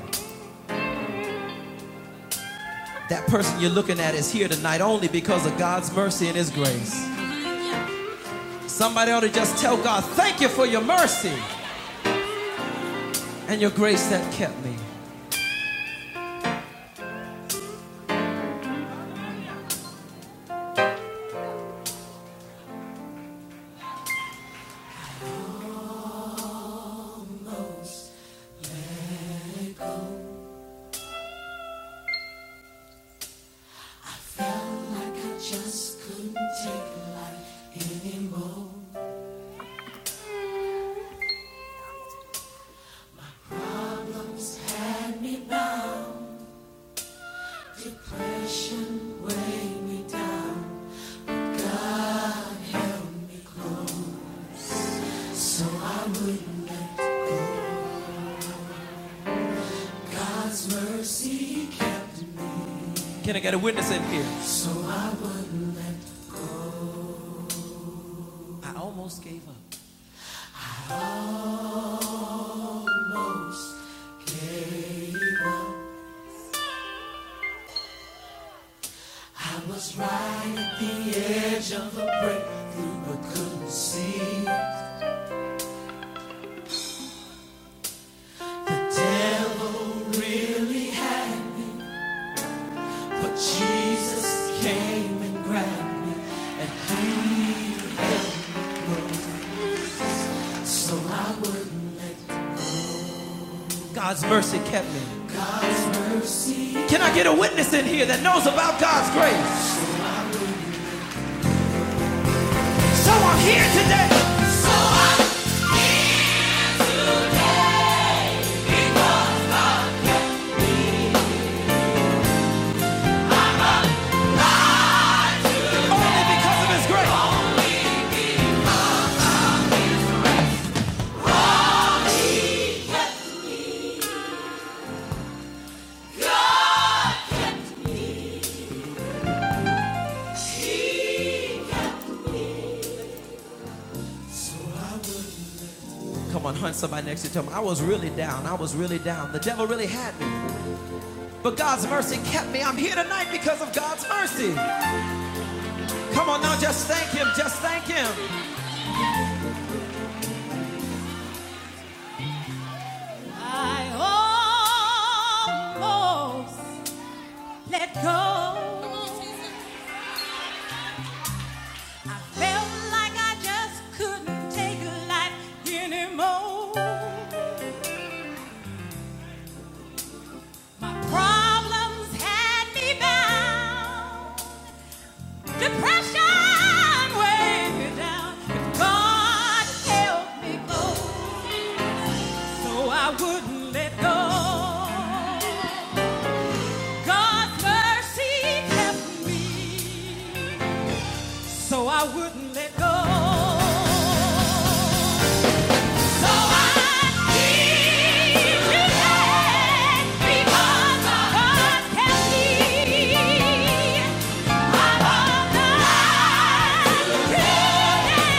[SPEAKER 2] That person you're looking at is here tonight only because of God's mercy and His grace. Somebody ought to just tell God, thank you for your mercy and your grace that kept me. Can I get a witness in here? I almost gave up. Edge of a breakthrough, but couldn't see the devil really. happened. But Jesus came and grabbed me, and healed God's mercy kept me. Can I get a witness in here that knows about God's grace? So I'm here today only because of his grace. Come on, hunt somebody next to you. Tell them, I was really down. I was really down. The devil really had me. But God's mercy kept me. I'm here tonight because of God's mercy. Come on now, just thank him. Just thank him. I almost let go. I felt like I just couldn't take life anymore. My problems had me bound. Depression weighed me down, but God held me close, so I wouldn't let go. God's mercy kept me, so I wouldn't let go. So I keep returning because God kept me. I'm alive today.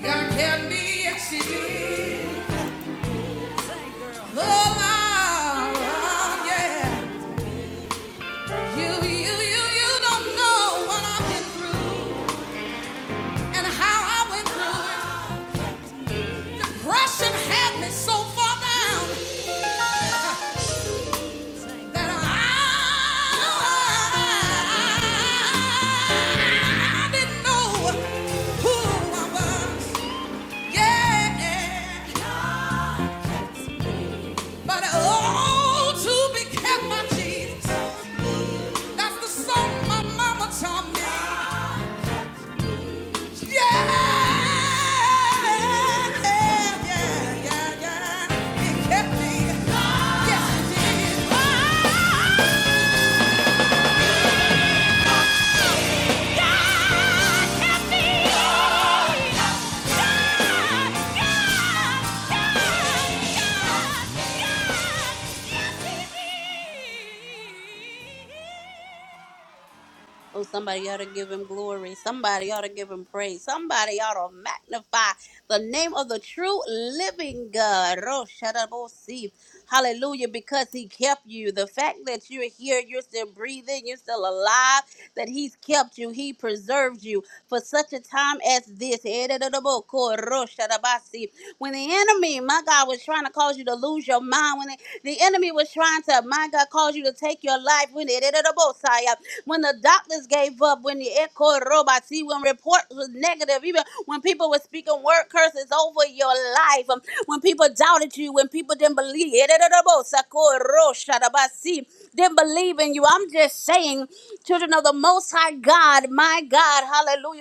[SPEAKER 2] There can be exceeding. Oh, yeah. You, you, you, you don't know what I've been through and how I went through it. Russian had me so far down that I, I didn't know who I was. Yeah. But oh, to be kept by Jesus. That's the song my mama taught me. Yeah, yeah, yeah, yeah, yeah. It kept me. Yes, it did. Yes, yes, yes, it
[SPEAKER 1] Oh, somebody ought to give him glory. Somebody
[SPEAKER 2] did.
[SPEAKER 1] ought to give him praise. Somebody ought to magnify the name of the true living God. Oh, Shadabosi. Hallelujah, because he kept you. The fact that you're here, you're still breathing, you're still alive, that he's kept you, he preserved you for such a time as this. Edadadaboko, ro, Shadabasi. When the enemy, my God, was trying to cause you to lose your mind, when the, the enemy was trying to, my God, cause you to take your life, when when the doctors gave up, when the echo robot, see, when reports was negative, even when people were speaking word curses over your life, um, when people doubted you, when people didn't believe, didn't believe in you. I'm just saying, children of the Most High God, my God, hallelujah.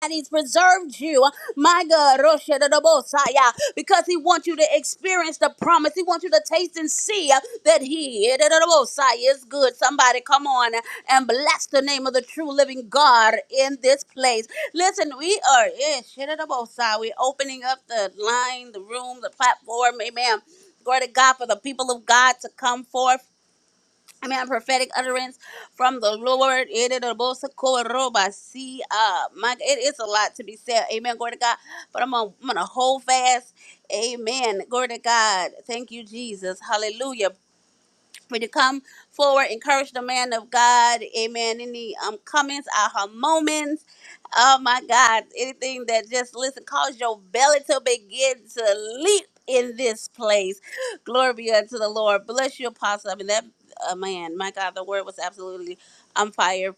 [SPEAKER 1] God, He's preserved you, my God, Rosha da da Bosaya, because He wants you to experience the promise. He wants you to taste and see uh, that He da da da Bosaya, is good. Somebody come on and bless the name of the true living God in this place. Listen, we are yeah, shit da da Bosaya. We're opening up the line, the room, the platform. Amen. Glory to God for the people of God to come forth. I mean, a prophetic utterance from the Lord. It is a boss of core See, uh, my, it is a lot to be said. Amen. Glory to God. But I'm gonna, I'm gonna hold fast. Amen. Glory to God. Thank you, Jesus. Hallelujah for you to come forward, encourage the man of God. Amen. Any um comments, aha moments. Oh my God. Anything that just listen, cause your belly to begin to leap in this place. Glory be unto the Lord. Bless you, apostle. I mean that uh, man, my God, the word was absolutely on fire.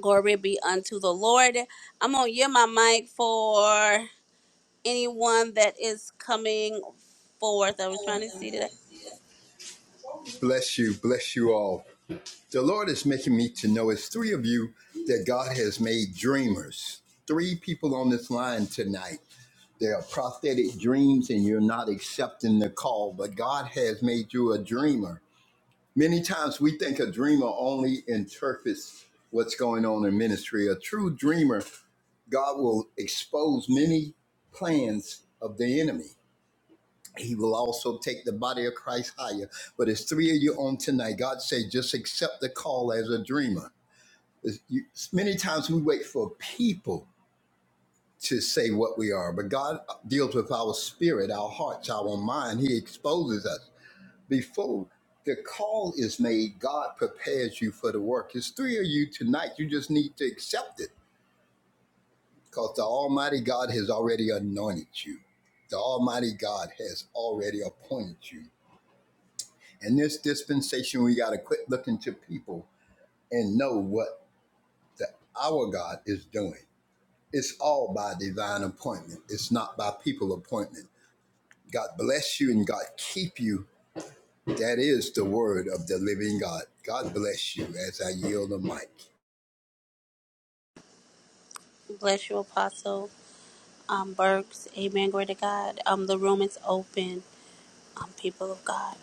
[SPEAKER 1] Glory be unto the Lord. I'm gonna yield my mic for anyone that is coming forth. I was trying to see that.
[SPEAKER 4] Bless you. Bless you all. The Lord is making me to know it's three of you that God has made dreamers. Three people on this line tonight. There are prophetic dreams, and you're not accepting the call, but God has made you a dreamer. Many times we think a dreamer only interprets what's going on in ministry. A true dreamer God will expose many plans of the enemy. He will also take the body of Christ higher. But it's three of you on tonight. God said, just accept the call as a dreamer. You- Many times we wait for people to say what we are, but God deals with our spirit, our hearts, our mind. He exposes us. Before the call is made, God prepares you for the work. There's three of you tonight. You just need to accept it because the Almighty God has already anointed you. The Almighty God has already appointed you. In this dispensation, we got to quit looking to people and know what the, our God is doing. It's all by divine appointment. It's not by people appointment. God bless you and God keep you. That is the word of the living God. God bless you as I yield the mic.
[SPEAKER 1] Bless you, Apostle um, Burks. Amen. Glory to God. Um, the room is open, um, people of God.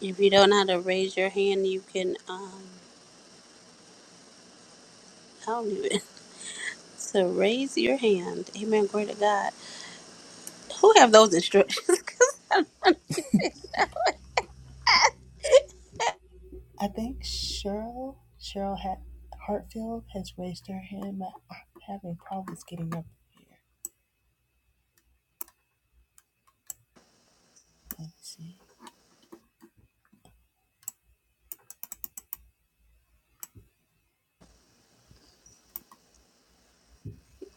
[SPEAKER 1] If you don't know how to raise your hand, you can, um, I don't even, So raise your hand. Amen. Glory to God. Who have those instructions? 'Cause I-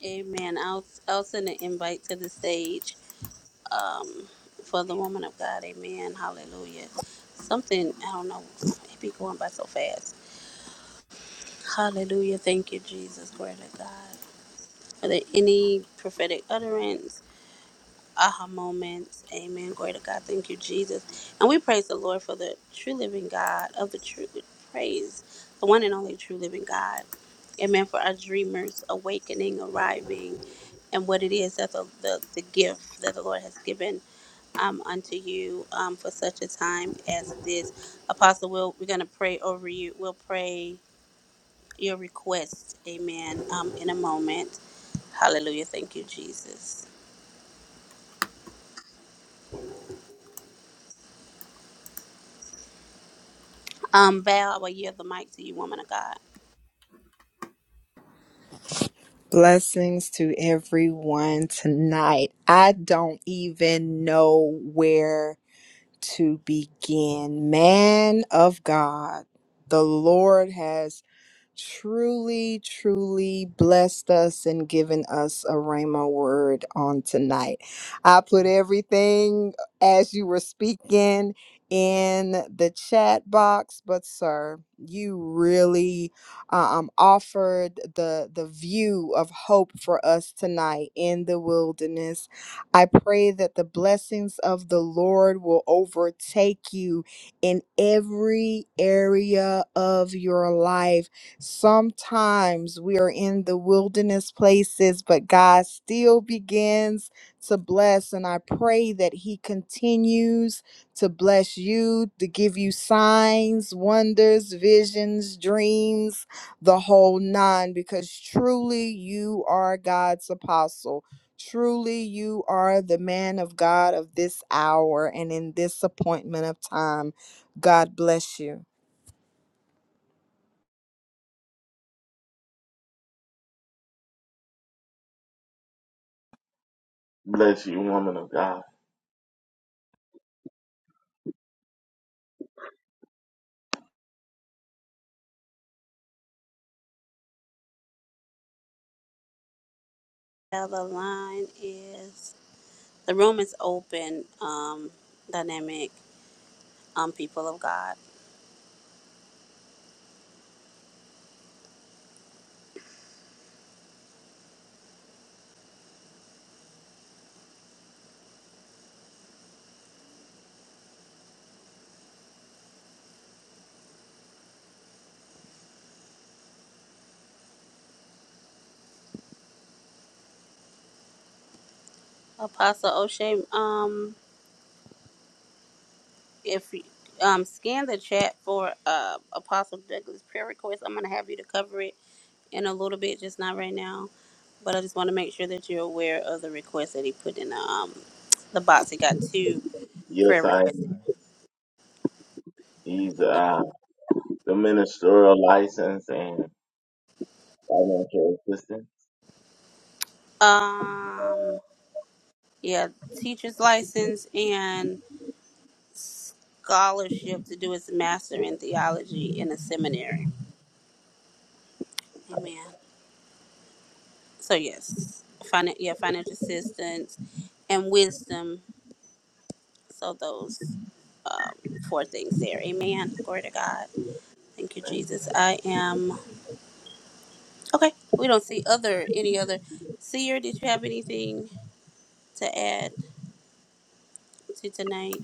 [SPEAKER 1] Amen. I'll, I'll send an invite to the stage um, for the woman of God. Amen. Hallelujah. Something, I don't know, it be going by so fast. Hallelujah. Thank you, Jesus. Glory to God. Are there any prophetic utterance, aha moments? Amen. Glory to God. Thank you, Jesus. And we praise the Lord for the true living God of the true praise, the one and only true living God. Amen. For our dreamers awakening, arriving, and what it is that the, the, the gift that the Lord has given um, unto you um, for such a time as this. Apostle, we'll, we're going to pray over you. We'll pray your request, amen, um, in a moment. Hallelujah. Thank you, Jesus. Um, Val, I will yield the mic to you, woman of God.
[SPEAKER 5] Blessings to everyone tonight. I don't even know where to begin. Man of God, the Lord has truly, truly blessed us and given us a Rhema word on tonight. I put everything as you were speaking in the chat box, but sir, you really um, offered the the view of hope for us tonight in the wilderness. I pray that the blessings of the Lord will overtake you in every area of your life Sometimes we are in the wilderness places, but God still begins to bless. And I pray that He continues to bless you, to give you signs, wonders, visions, dreams, the whole nine, because truly you are God's apostle. Truly, you are the man of God of this hour and in this appointment of time. God bless you.
[SPEAKER 3] bless you, woman of God.
[SPEAKER 1] Val, the line is, the room is open, um, dynamic, um, people of God. Apostle O'Shea, um, if you, um, scan the chat for uh, Apostle Douglas' prayer request, I'm going to have you to cover it in a little bit, just not right now. But I just want to make sure that you're aware of the request that he put in the, um, the box. He got two prayer
[SPEAKER 3] Yes, I
[SPEAKER 1] request.
[SPEAKER 3] am. He's uh, the ministerial license and financial assistance.
[SPEAKER 1] Um, yeah, teacher's license and scholarship to do his master in theology in a seminary. Amen. So yes, finan- yeah, financial assistance and wisdom. So those um, four things there. Amen. Glory to God. Thank you, Jesus. I am okay. We don't see other any other. Seer, did you have anything to add to tonight?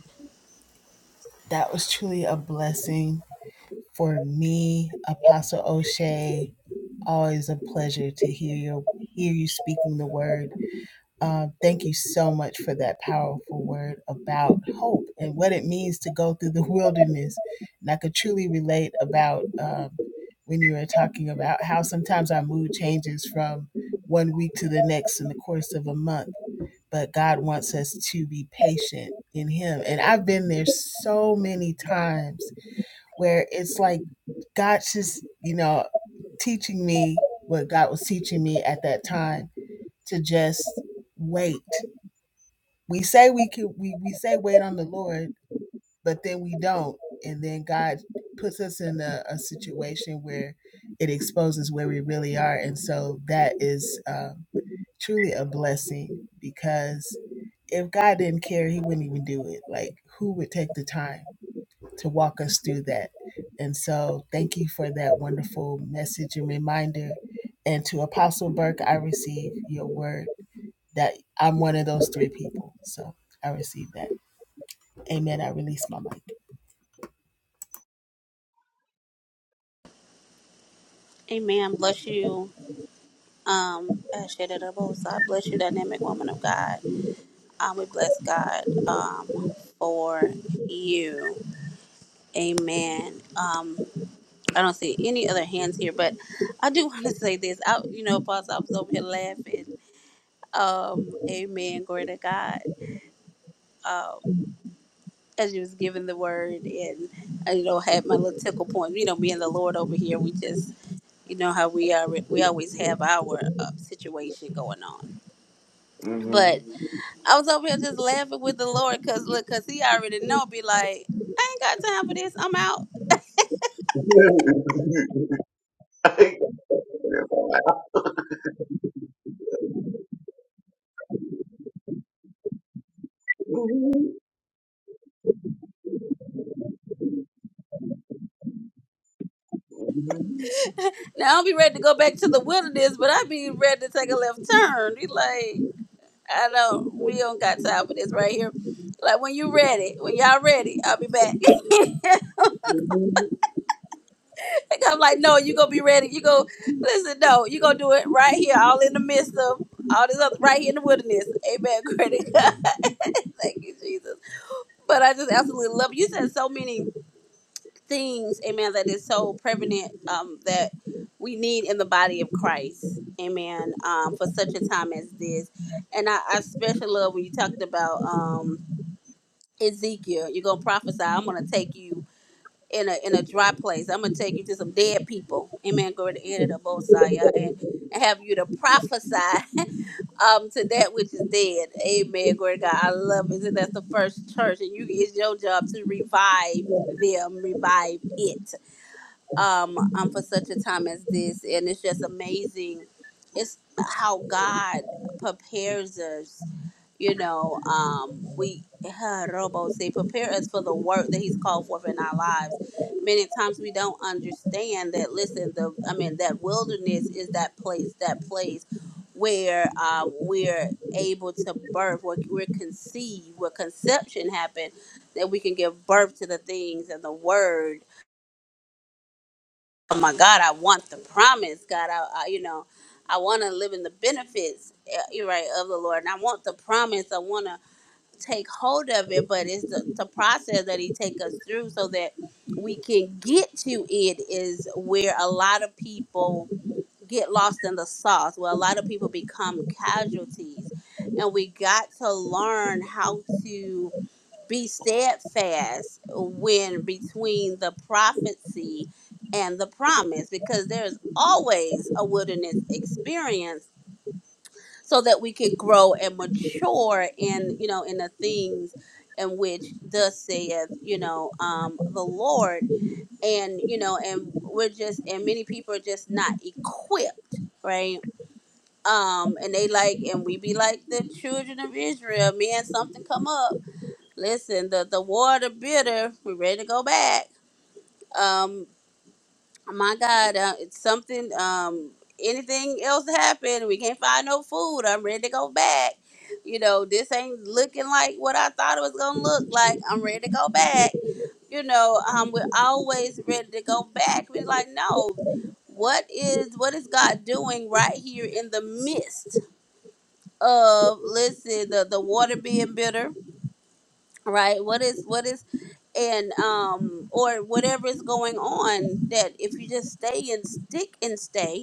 [SPEAKER 1] Amen. Bless you. Um, Ashadadabosa, I bless you, dynamic woman of God. Um, we bless God um, for you. Amen. Um, I don't see any other hands here, but I do want to say this. I, you know, Apostle, I was over here laughing. Um, amen. Glory to God. Um, as you was giving the word and, I, you know, had my little tickle point, you know, me and the Lord over here, we just, you know, how we are, we always have our uh, situation going on.
[SPEAKER 3] hmm
[SPEAKER 1] but. I was over here just laughing with the Lord because look, because he already know, be like, I ain't got time for this. I'm out. Now I'll be ready to go back to the wilderness, but I be ready to take a left turn. He like, I don't, we don't got time for this right here. Like when you ready, when y'all ready, I'll be back. And I'm like, no, you gonna be ready. You go listen, no, you gonna do it right here, all in the midst of all this other right here in the wilderness. Amen. Great. God. Thank you, Jesus. But I just absolutely love it. you said so many things, amen, that is so prevalent um, that we need in the body of Christ, amen, um, for such a time as this. And I, I especially love when you talked about um, Ezekiel. You're gonna prophesy. I'm gonna take you in a in a dry place. I'm gonna take you to some dead people, amen. Go to the end of the Mosiah and and have you to prophesy um to that which is dead. Amen. Glory to God. I love it. So That's the first church, and you it's your job to revive them, revive it um, um for such a time as this and it's just amazing it's how god prepares us you know um we robo say prepare us for the work that he's called forth in our lives many times we don't understand that listen the i mean that wilderness is that place that place where um, we're able to birth where we're conceived where conception happened that we can give birth to the things and the word oh my God, I want the promise, God. I, I you know, I want to live in the benefits, uh, you're right, of the Lord, and I want the promise. I want to take hold of it, but it's the, the process that He take us through so that we can get to it is where a lot of people get lost in the sauce, where a lot of people become casualties, and we got to learn how to be steadfast when between the prophecy and the promise because there's always a wilderness experience so that we can grow and mature in you know in the things in which thus saith you know um the lord and you know and we're just and many people are just not equipped right um and they like and we be like the children of israel man something come up Listen, the the water bitter. We're ready to go back. Um, my God, uh, it's something. Um, anything else happened? We can't find no food. I'm ready to go back. You know, this ain't looking like what I thought it was gonna look like. I'm ready to go back. You know, um, we're always ready to go back. We're like, no, what is what is God doing right here in the midst of listen the the water being bitter, right? What is what is and um or whatever is going on that if you just stay and stick and stay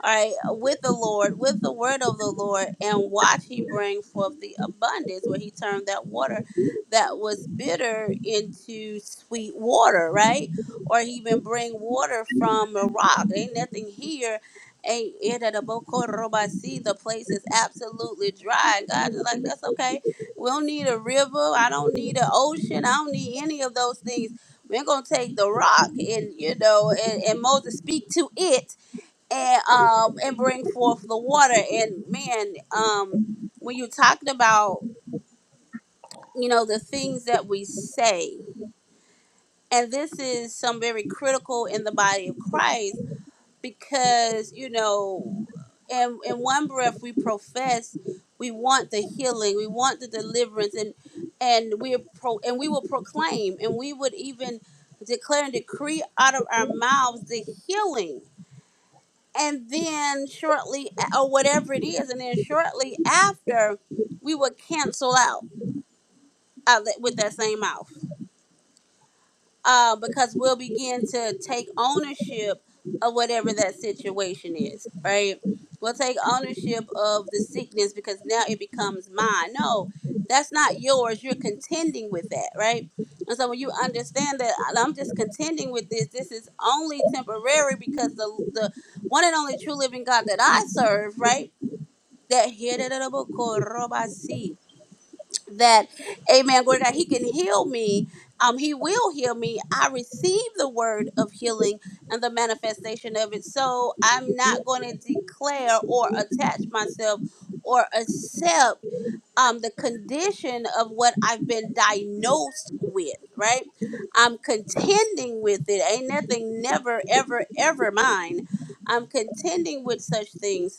[SPEAKER 1] all right, with the Lord, with the word of the Lord, and watch he bring forth the abundance, where he turned that water that was bitter into sweet water, right? Or he even bring water from a rock. Ain't nothing here. Ain't it at a Bokorobasi? The place is absolutely dry. And God is like, that's okay. We don't need a river. I don't need an ocean. I don't need any of those things. We're gonna take the rock and you know, and, and Moses speak to it and um and bring forth the water and man um when you talked about you know the things that we say and this is some very critical in the body of christ because you know in in one breath we profess we want the healing we want the deliverance and and we pro and we will proclaim and we would even declare and decree out of our mouths the healing and then shortly or whatever it is and then shortly after we would cancel out uh, li- with that same mouth uh, because we'll begin to take ownership of whatever that situation is right we'll take ownership of the sickness because now it becomes mine no that's not yours you're contending with that right and so when you understand that i'm just contending with this this is only temporary because the the one and only true living god that i serve right that Hiraraboko-robasi, that amen glory to God, he can heal me um he will heal me i receive the word of healing and the manifestation of it so i'm not going to declare or attach myself or accept um the condition of what i've been diagnosed with right i'm contending with it ain't nothing never ever ever mine i'm contending with such things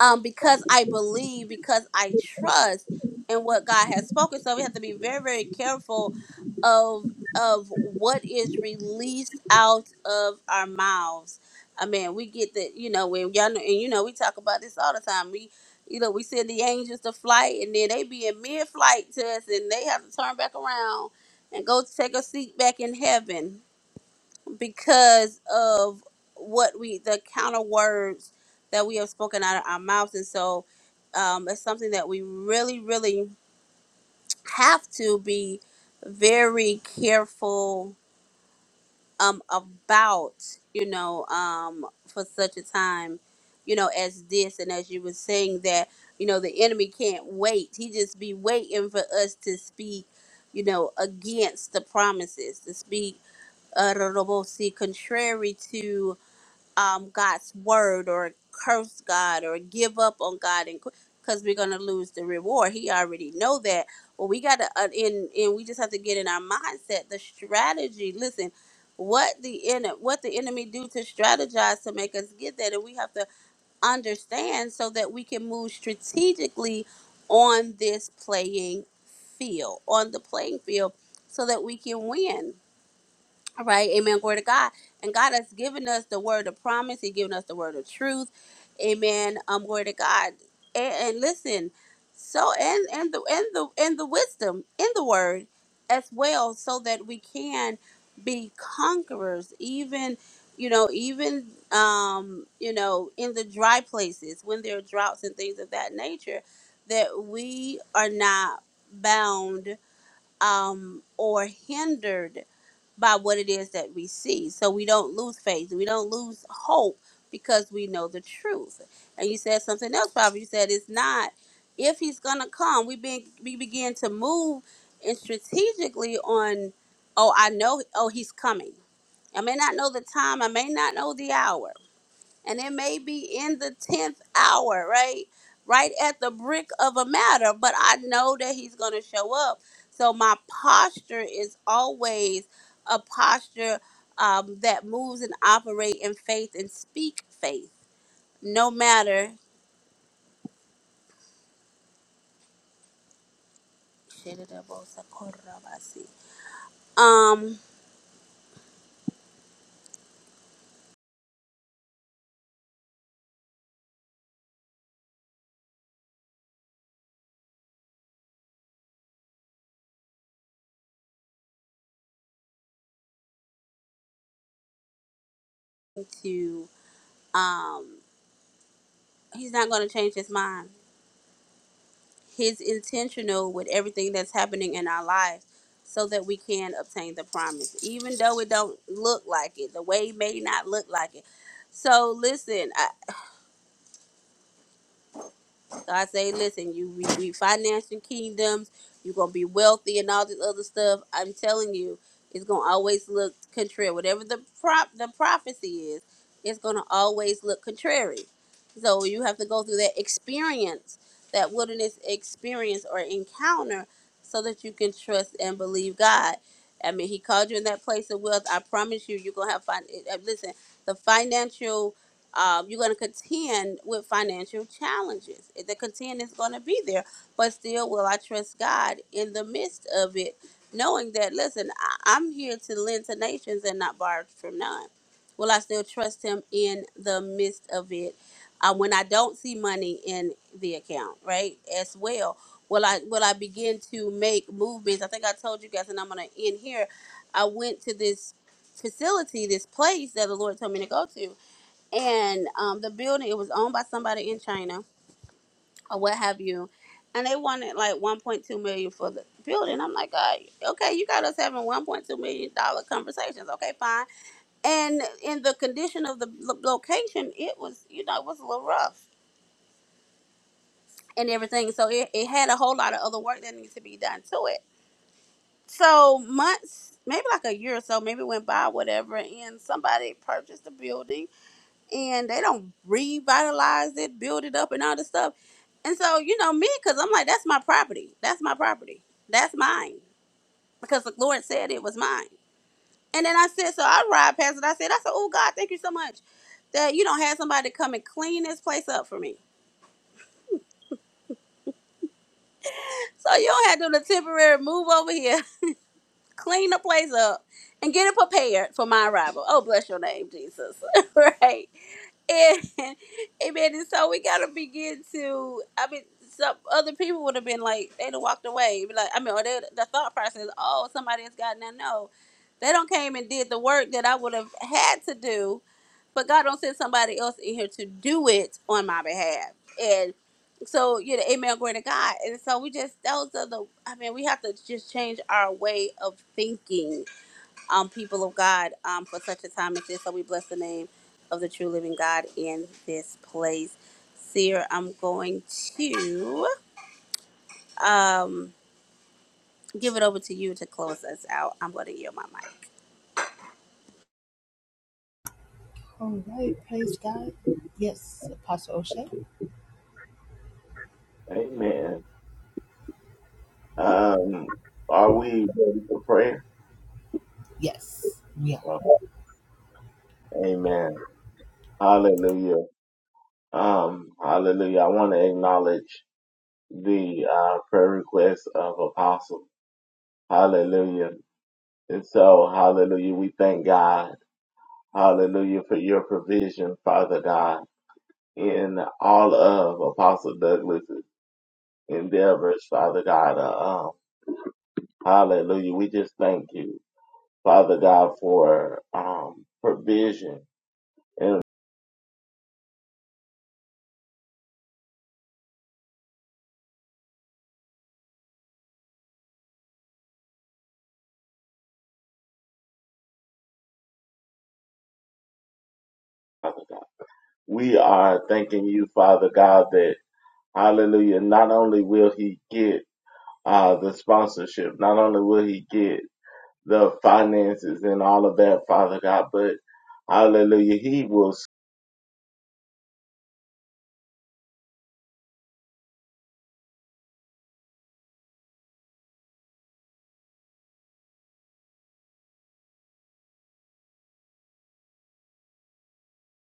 [SPEAKER 1] um, because I believe, because I trust in what God has spoken. So we have to be very, very careful of of what is released out of our mouths. I mean, we get that, you know, when y'all know, and you know, we talk about this all the time. We, you know, we send the angels to flight, and then they be in mid-flight to us, and they have to turn back around and go take a seat back in heaven because of what we the counter words that we have spoken out of our mouths and so um, it's something that we really really have to be very careful um, about you know um, for such a time you know as this and as you were saying that you know the enemy can't wait he just be waiting for us to speak you know against the promises to speak uh, contrary to um, God's word or curse God or give up on God and because we're gonna lose the reward. He already know that. Well, we gotta uh, in and we just have to get in our mindset the strategy. Listen, what the en- what the enemy do to strategize to make us get that, and we have to understand so that we can move strategically on this playing field on the playing field so that we can win all right, amen. Glory to God. And God has given us the word of promise, He's given us the word of truth. Amen. Um, glory to God. And, and listen, so and and the and the and the wisdom in the word as well, so that we can be conquerors, even you know, even um, you know, in the dry places when there are droughts and things of that nature, that we are not bound um or hindered by what it is that we see. So we don't lose faith. We don't lose hope because we know the truth. And you said something else, Prophet. You said it's not if he's gonna come, we be, we begin to move and strategically on oh I know oh he's coming. I may not know the time, I may not know the hour, and it may be in the 10th hour, right? Right at the brick of a matter, but I know that he's going to show up. So my posture is always a posture um, that moves and operate in faith and speak faith, no matter um to um he's not going to change his mind He's intentional with everything that's happening in our lives so that we can obtain the promise, even though it don't look like it. The way may not look like it. So listen, I, so I say, listen, you we, we financing kingdoms. You're gonna be wealthy and all this other stuff. I'm telling you, it's gonna always look contrary. Whatever the prop the prophecy is, it's gonna always look contrary. So you have to go through that experience, that wilderness experience or encounter, so that you can trust and believe God. I mean, He called you in that place of wealth. I promise you, you're gonna have fun. Listen, the financial um, you're going to contend with financial challenges. The contend is going to be there, but still, will I trust God in the midst of it, knowing that, listen, I, I'm here to lend to nations and not borrow from none? Will I still trust Him in the midst of it um, when I don't see money in the account, right? As well. Will I will I begin to make movements? I think I told you guys, and I'm gonna end here. I went to this facility, this place that the Lord told me to go to, and um, the building it was owned by somebody in China or what have you, and they wanted like 1.2 million for the building. I'm like, God, okay, you got us having 1.2 million dollar conversations. Okay, fine. And in the condition of the lo- location, it was you know it was a little rough and everything, so it, it had a whole lot of other work that needed to be done to it. So months, maybe like a year or so, maybe went by whatever, and somebody purchased the building and they don't revitalize it, build it up, and all this stuff. And so, you know, me, because I'm like, that's my property. That's my property. That's mine. Because the Lord said it was mine. And then I said, so I ride past it. I said, I said, oh, God, thank you so much that you don't have somebody to come and clean this place up for me. So you don't have to do the temporary move over here, clean the place up, and get it prepared for my arrival. Oh, bless your name, Jesus. right? And amen. And so we gotta begin to. I mean, some other people would have been like, they'd have walked away. Be Like, I mean, or they, the thought process, oh, somebody has gotten that. No, they don't came and did the work that I would have had to do, but God don't send somebody else in here to do it on my behalf. And so, you know, amen, glory to God. And so we just those are the. I mean, we have to just change our way of thinking um, people of God, um, for such a time as this. So we bless the name of the true living God in this place. Seer, I'm going to um, give it over to you to close us out. I'm going to yield my mic.
[SPEAKER 3] Amen. Um, are we ready for prayer? Oh, amen. Hallelujah. Um, hallelujah. I want to acknowledge the uh, prayer request of Apostle. Hallelujah. And so, hallelujah, we thank God. Hallelujah for your provision, Father God, in all of Apostle Douglas' endeavors, Father God. Uh, um, hallelujah. We just thank you, Father God, for um, provision. And Father God, we are thanking you, Father God, that, hallelujah, not only will he get uh, the sponsorship, not only will he get the finances and all of that, Father God. But hallelujah, he will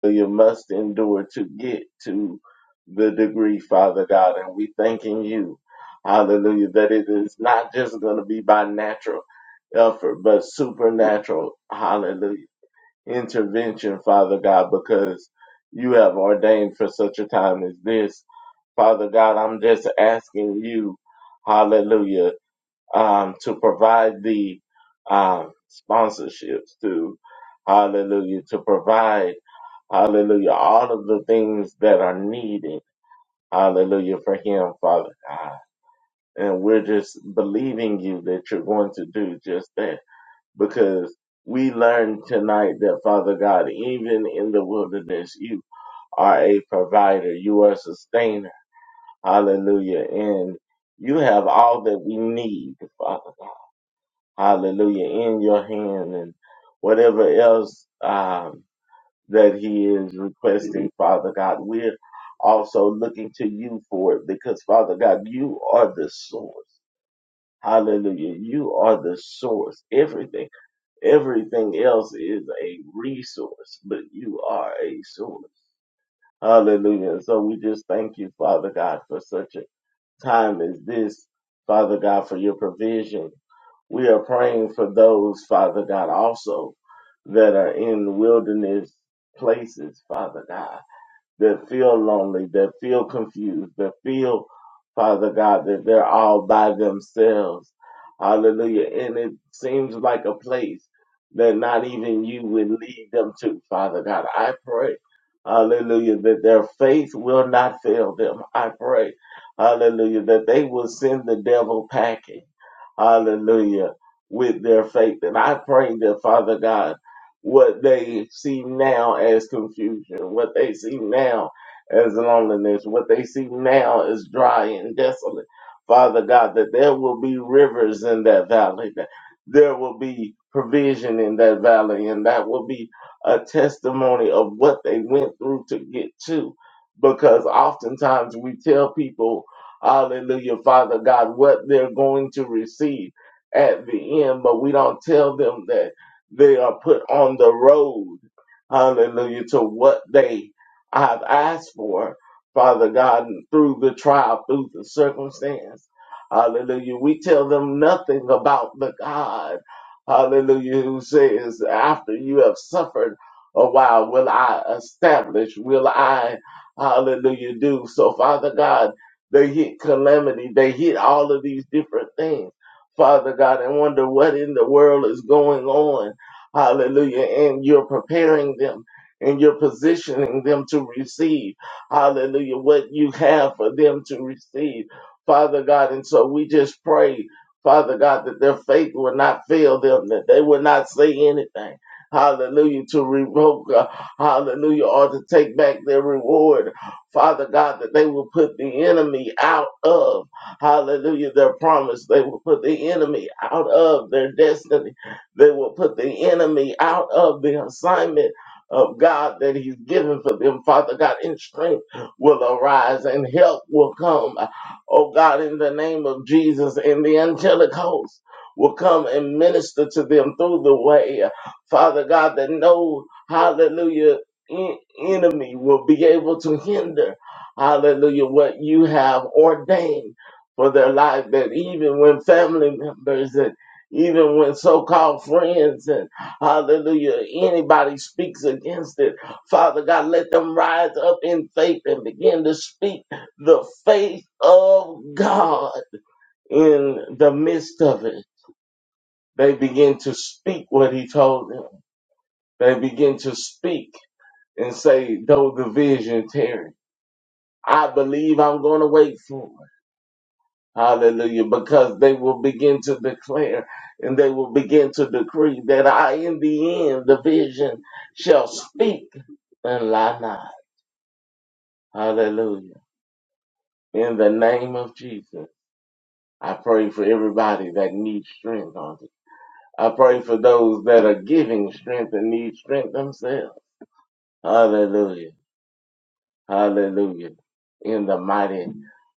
[SPEAKER 3] you must endure to get to the degree, Father God. And we thanking you, hallelujah, that it is not just going to be by natural effort, but supernatural, hallelujah, intervention, Father God, because you have ordained for such a time as this. Father God, I'm just asking you, hallelujah um, to provide the um, sponsorships to hallelujah to provide hallelujah all of the things that are needed hallelujah for him father god and we're just believing you that you're going to do just that because we learned tonight that father god even in the wilderness you are a provider you are a sustainer hallelujah and you have all that we need father hallelujah, in your hand and whatever else um, that he is requesting, Father God. We're also looking to you for it because, Father God, you are the source. Hallelujah. You are the source. Everything, everything else is a resource, but you are a source. Hallelujah. And so we just thank you, Father God, for such a time as this, Father God, for your provision. We are praying for those, Father God, also that are in wilderness places, Father God that feel lonely, that feel confused, that feel, Father God, that they're all by themselves. Hallelujah. And it seems like a place that not even you would lead them to, Father God. I pray, hallelujah, that their faith will not fail them. I pray, hallelujah, that they will send the devil packing, hallelujah, with their faith. And I pray that, Father God, what they see now as confusion, what they see now as loneliness, what they see now as dry and desolate. Father God, that there will be rivers in that valley, that there will be provision in that valley, and that will be a testimony of what they went through to get to. Because oftentimes we tell people, Hallelujah, Father God, what they're going to receive at the end, but we don't tell them that they are put on the road, hallelujah, to what they have asked for, Father God, and through the trial, through the circumstance. Hallelujah. We tell them nothing about the God, hallelujah, who says, after you have suffered a while, will I establish, will I, hallelujah, do. So, Father God, they hit calamity, they hit all of these different things. Father God, and wonder what in the world is going on. Hallelujah. And you're preparing them and you're positioning them to receive. Hallelujah. What you have for them to receive. Father God. And so we just pray, Father God, that their faith will not fail them, that they will not say anything. Hallelujah. To revoke, uh, hallelujah, or to take back their reward. Father God, that they will put the enemy out of, hallelujah, their promise. They will put the enemy out of their destiny. They will put the enemy out of the assignment of God that He's given for them. Father God, and strength will arise and help will come. Oh God, in the name of Jesus, and the angelic host will come and minister to them through the way. Father God, that no, hallelujah, en- enemy will be able to hinder, hallelujah, what you have ordained for their life. That even when family members even when so-called friends and hallelujah anybody speaks against it father god let them rise up in faith and begin to speak the faith of god in the midst of it they begin to speak what he told them they begin to speak and say though the vision tarry i believe i'm going to wait for it Hallelujah. Because they will begin to declare and they will begin to decree that I, in the end, the vision shall speak and lie not. Hallelujah. In the name of Jesus, I pray for everybody that needs strength on it. I pray for those that are giving strength and need strength themselves. Hallelujah. Hallelujah. In the mighty,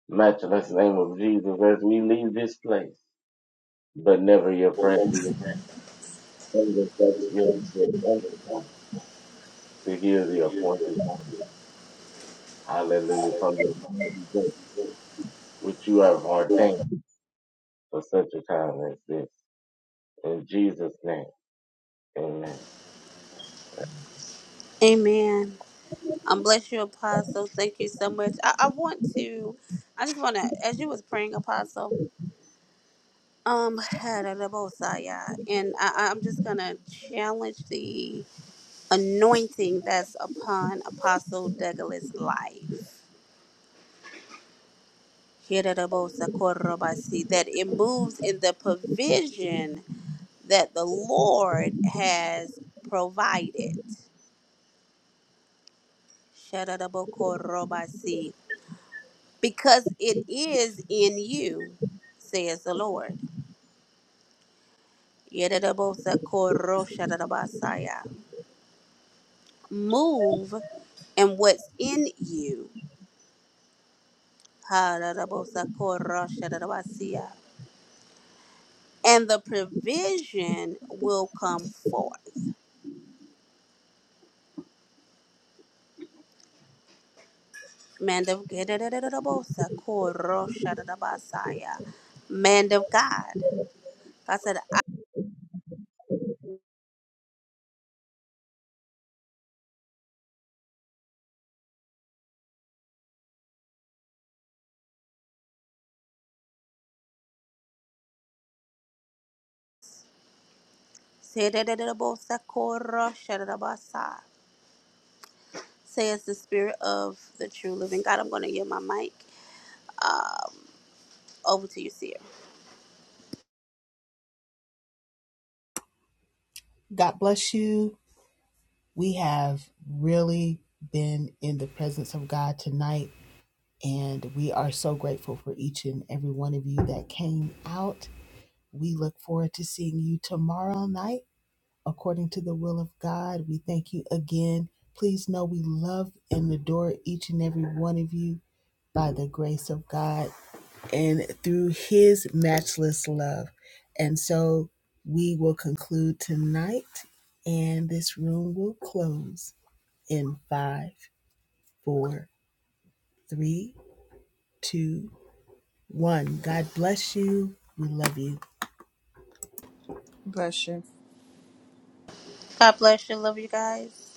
[SPEAKER 3] matchless name of Jesus, as we leave this place, but never your presence. Send us back to you to get to hear the appointed. Hallelujah. From the beginning of the day, which you have ordained for such a time as this. In Jesus' name, amen.
[SPEAKER 1] Amen. Um, bless you, Apostle. Thank you so much. I, I want to, I just want to, as you was praying, Apostle. Um, Hallelujah. and I, I'm just gonna challenge the anointing that's upon Apostle Douglas' life. Hallelujah, korobasi, That it moves in the provision that the Lord has provided. Hallelujah, korobasi, Because it is in you, says the Lord. Hallelujah, korosharabasaya. move and what's in you. Ha-da-da-bo-sa-ko-ra-sha-da-da-ba-si-ya. And the provision will come forth. Man of Ga-da-da-da-da-da-bo-sa-ko-ra-sha-da-da-ba-sa-ya. Man of God. God said, I say da da da da bo sa ko ra sha da da ba sa Says the spirit of the true living God. I'm going to give my mic over to you, Seer.
[SPEAKER 5] Bless you.
[SPEAKER 1] God bless you. Love you guys.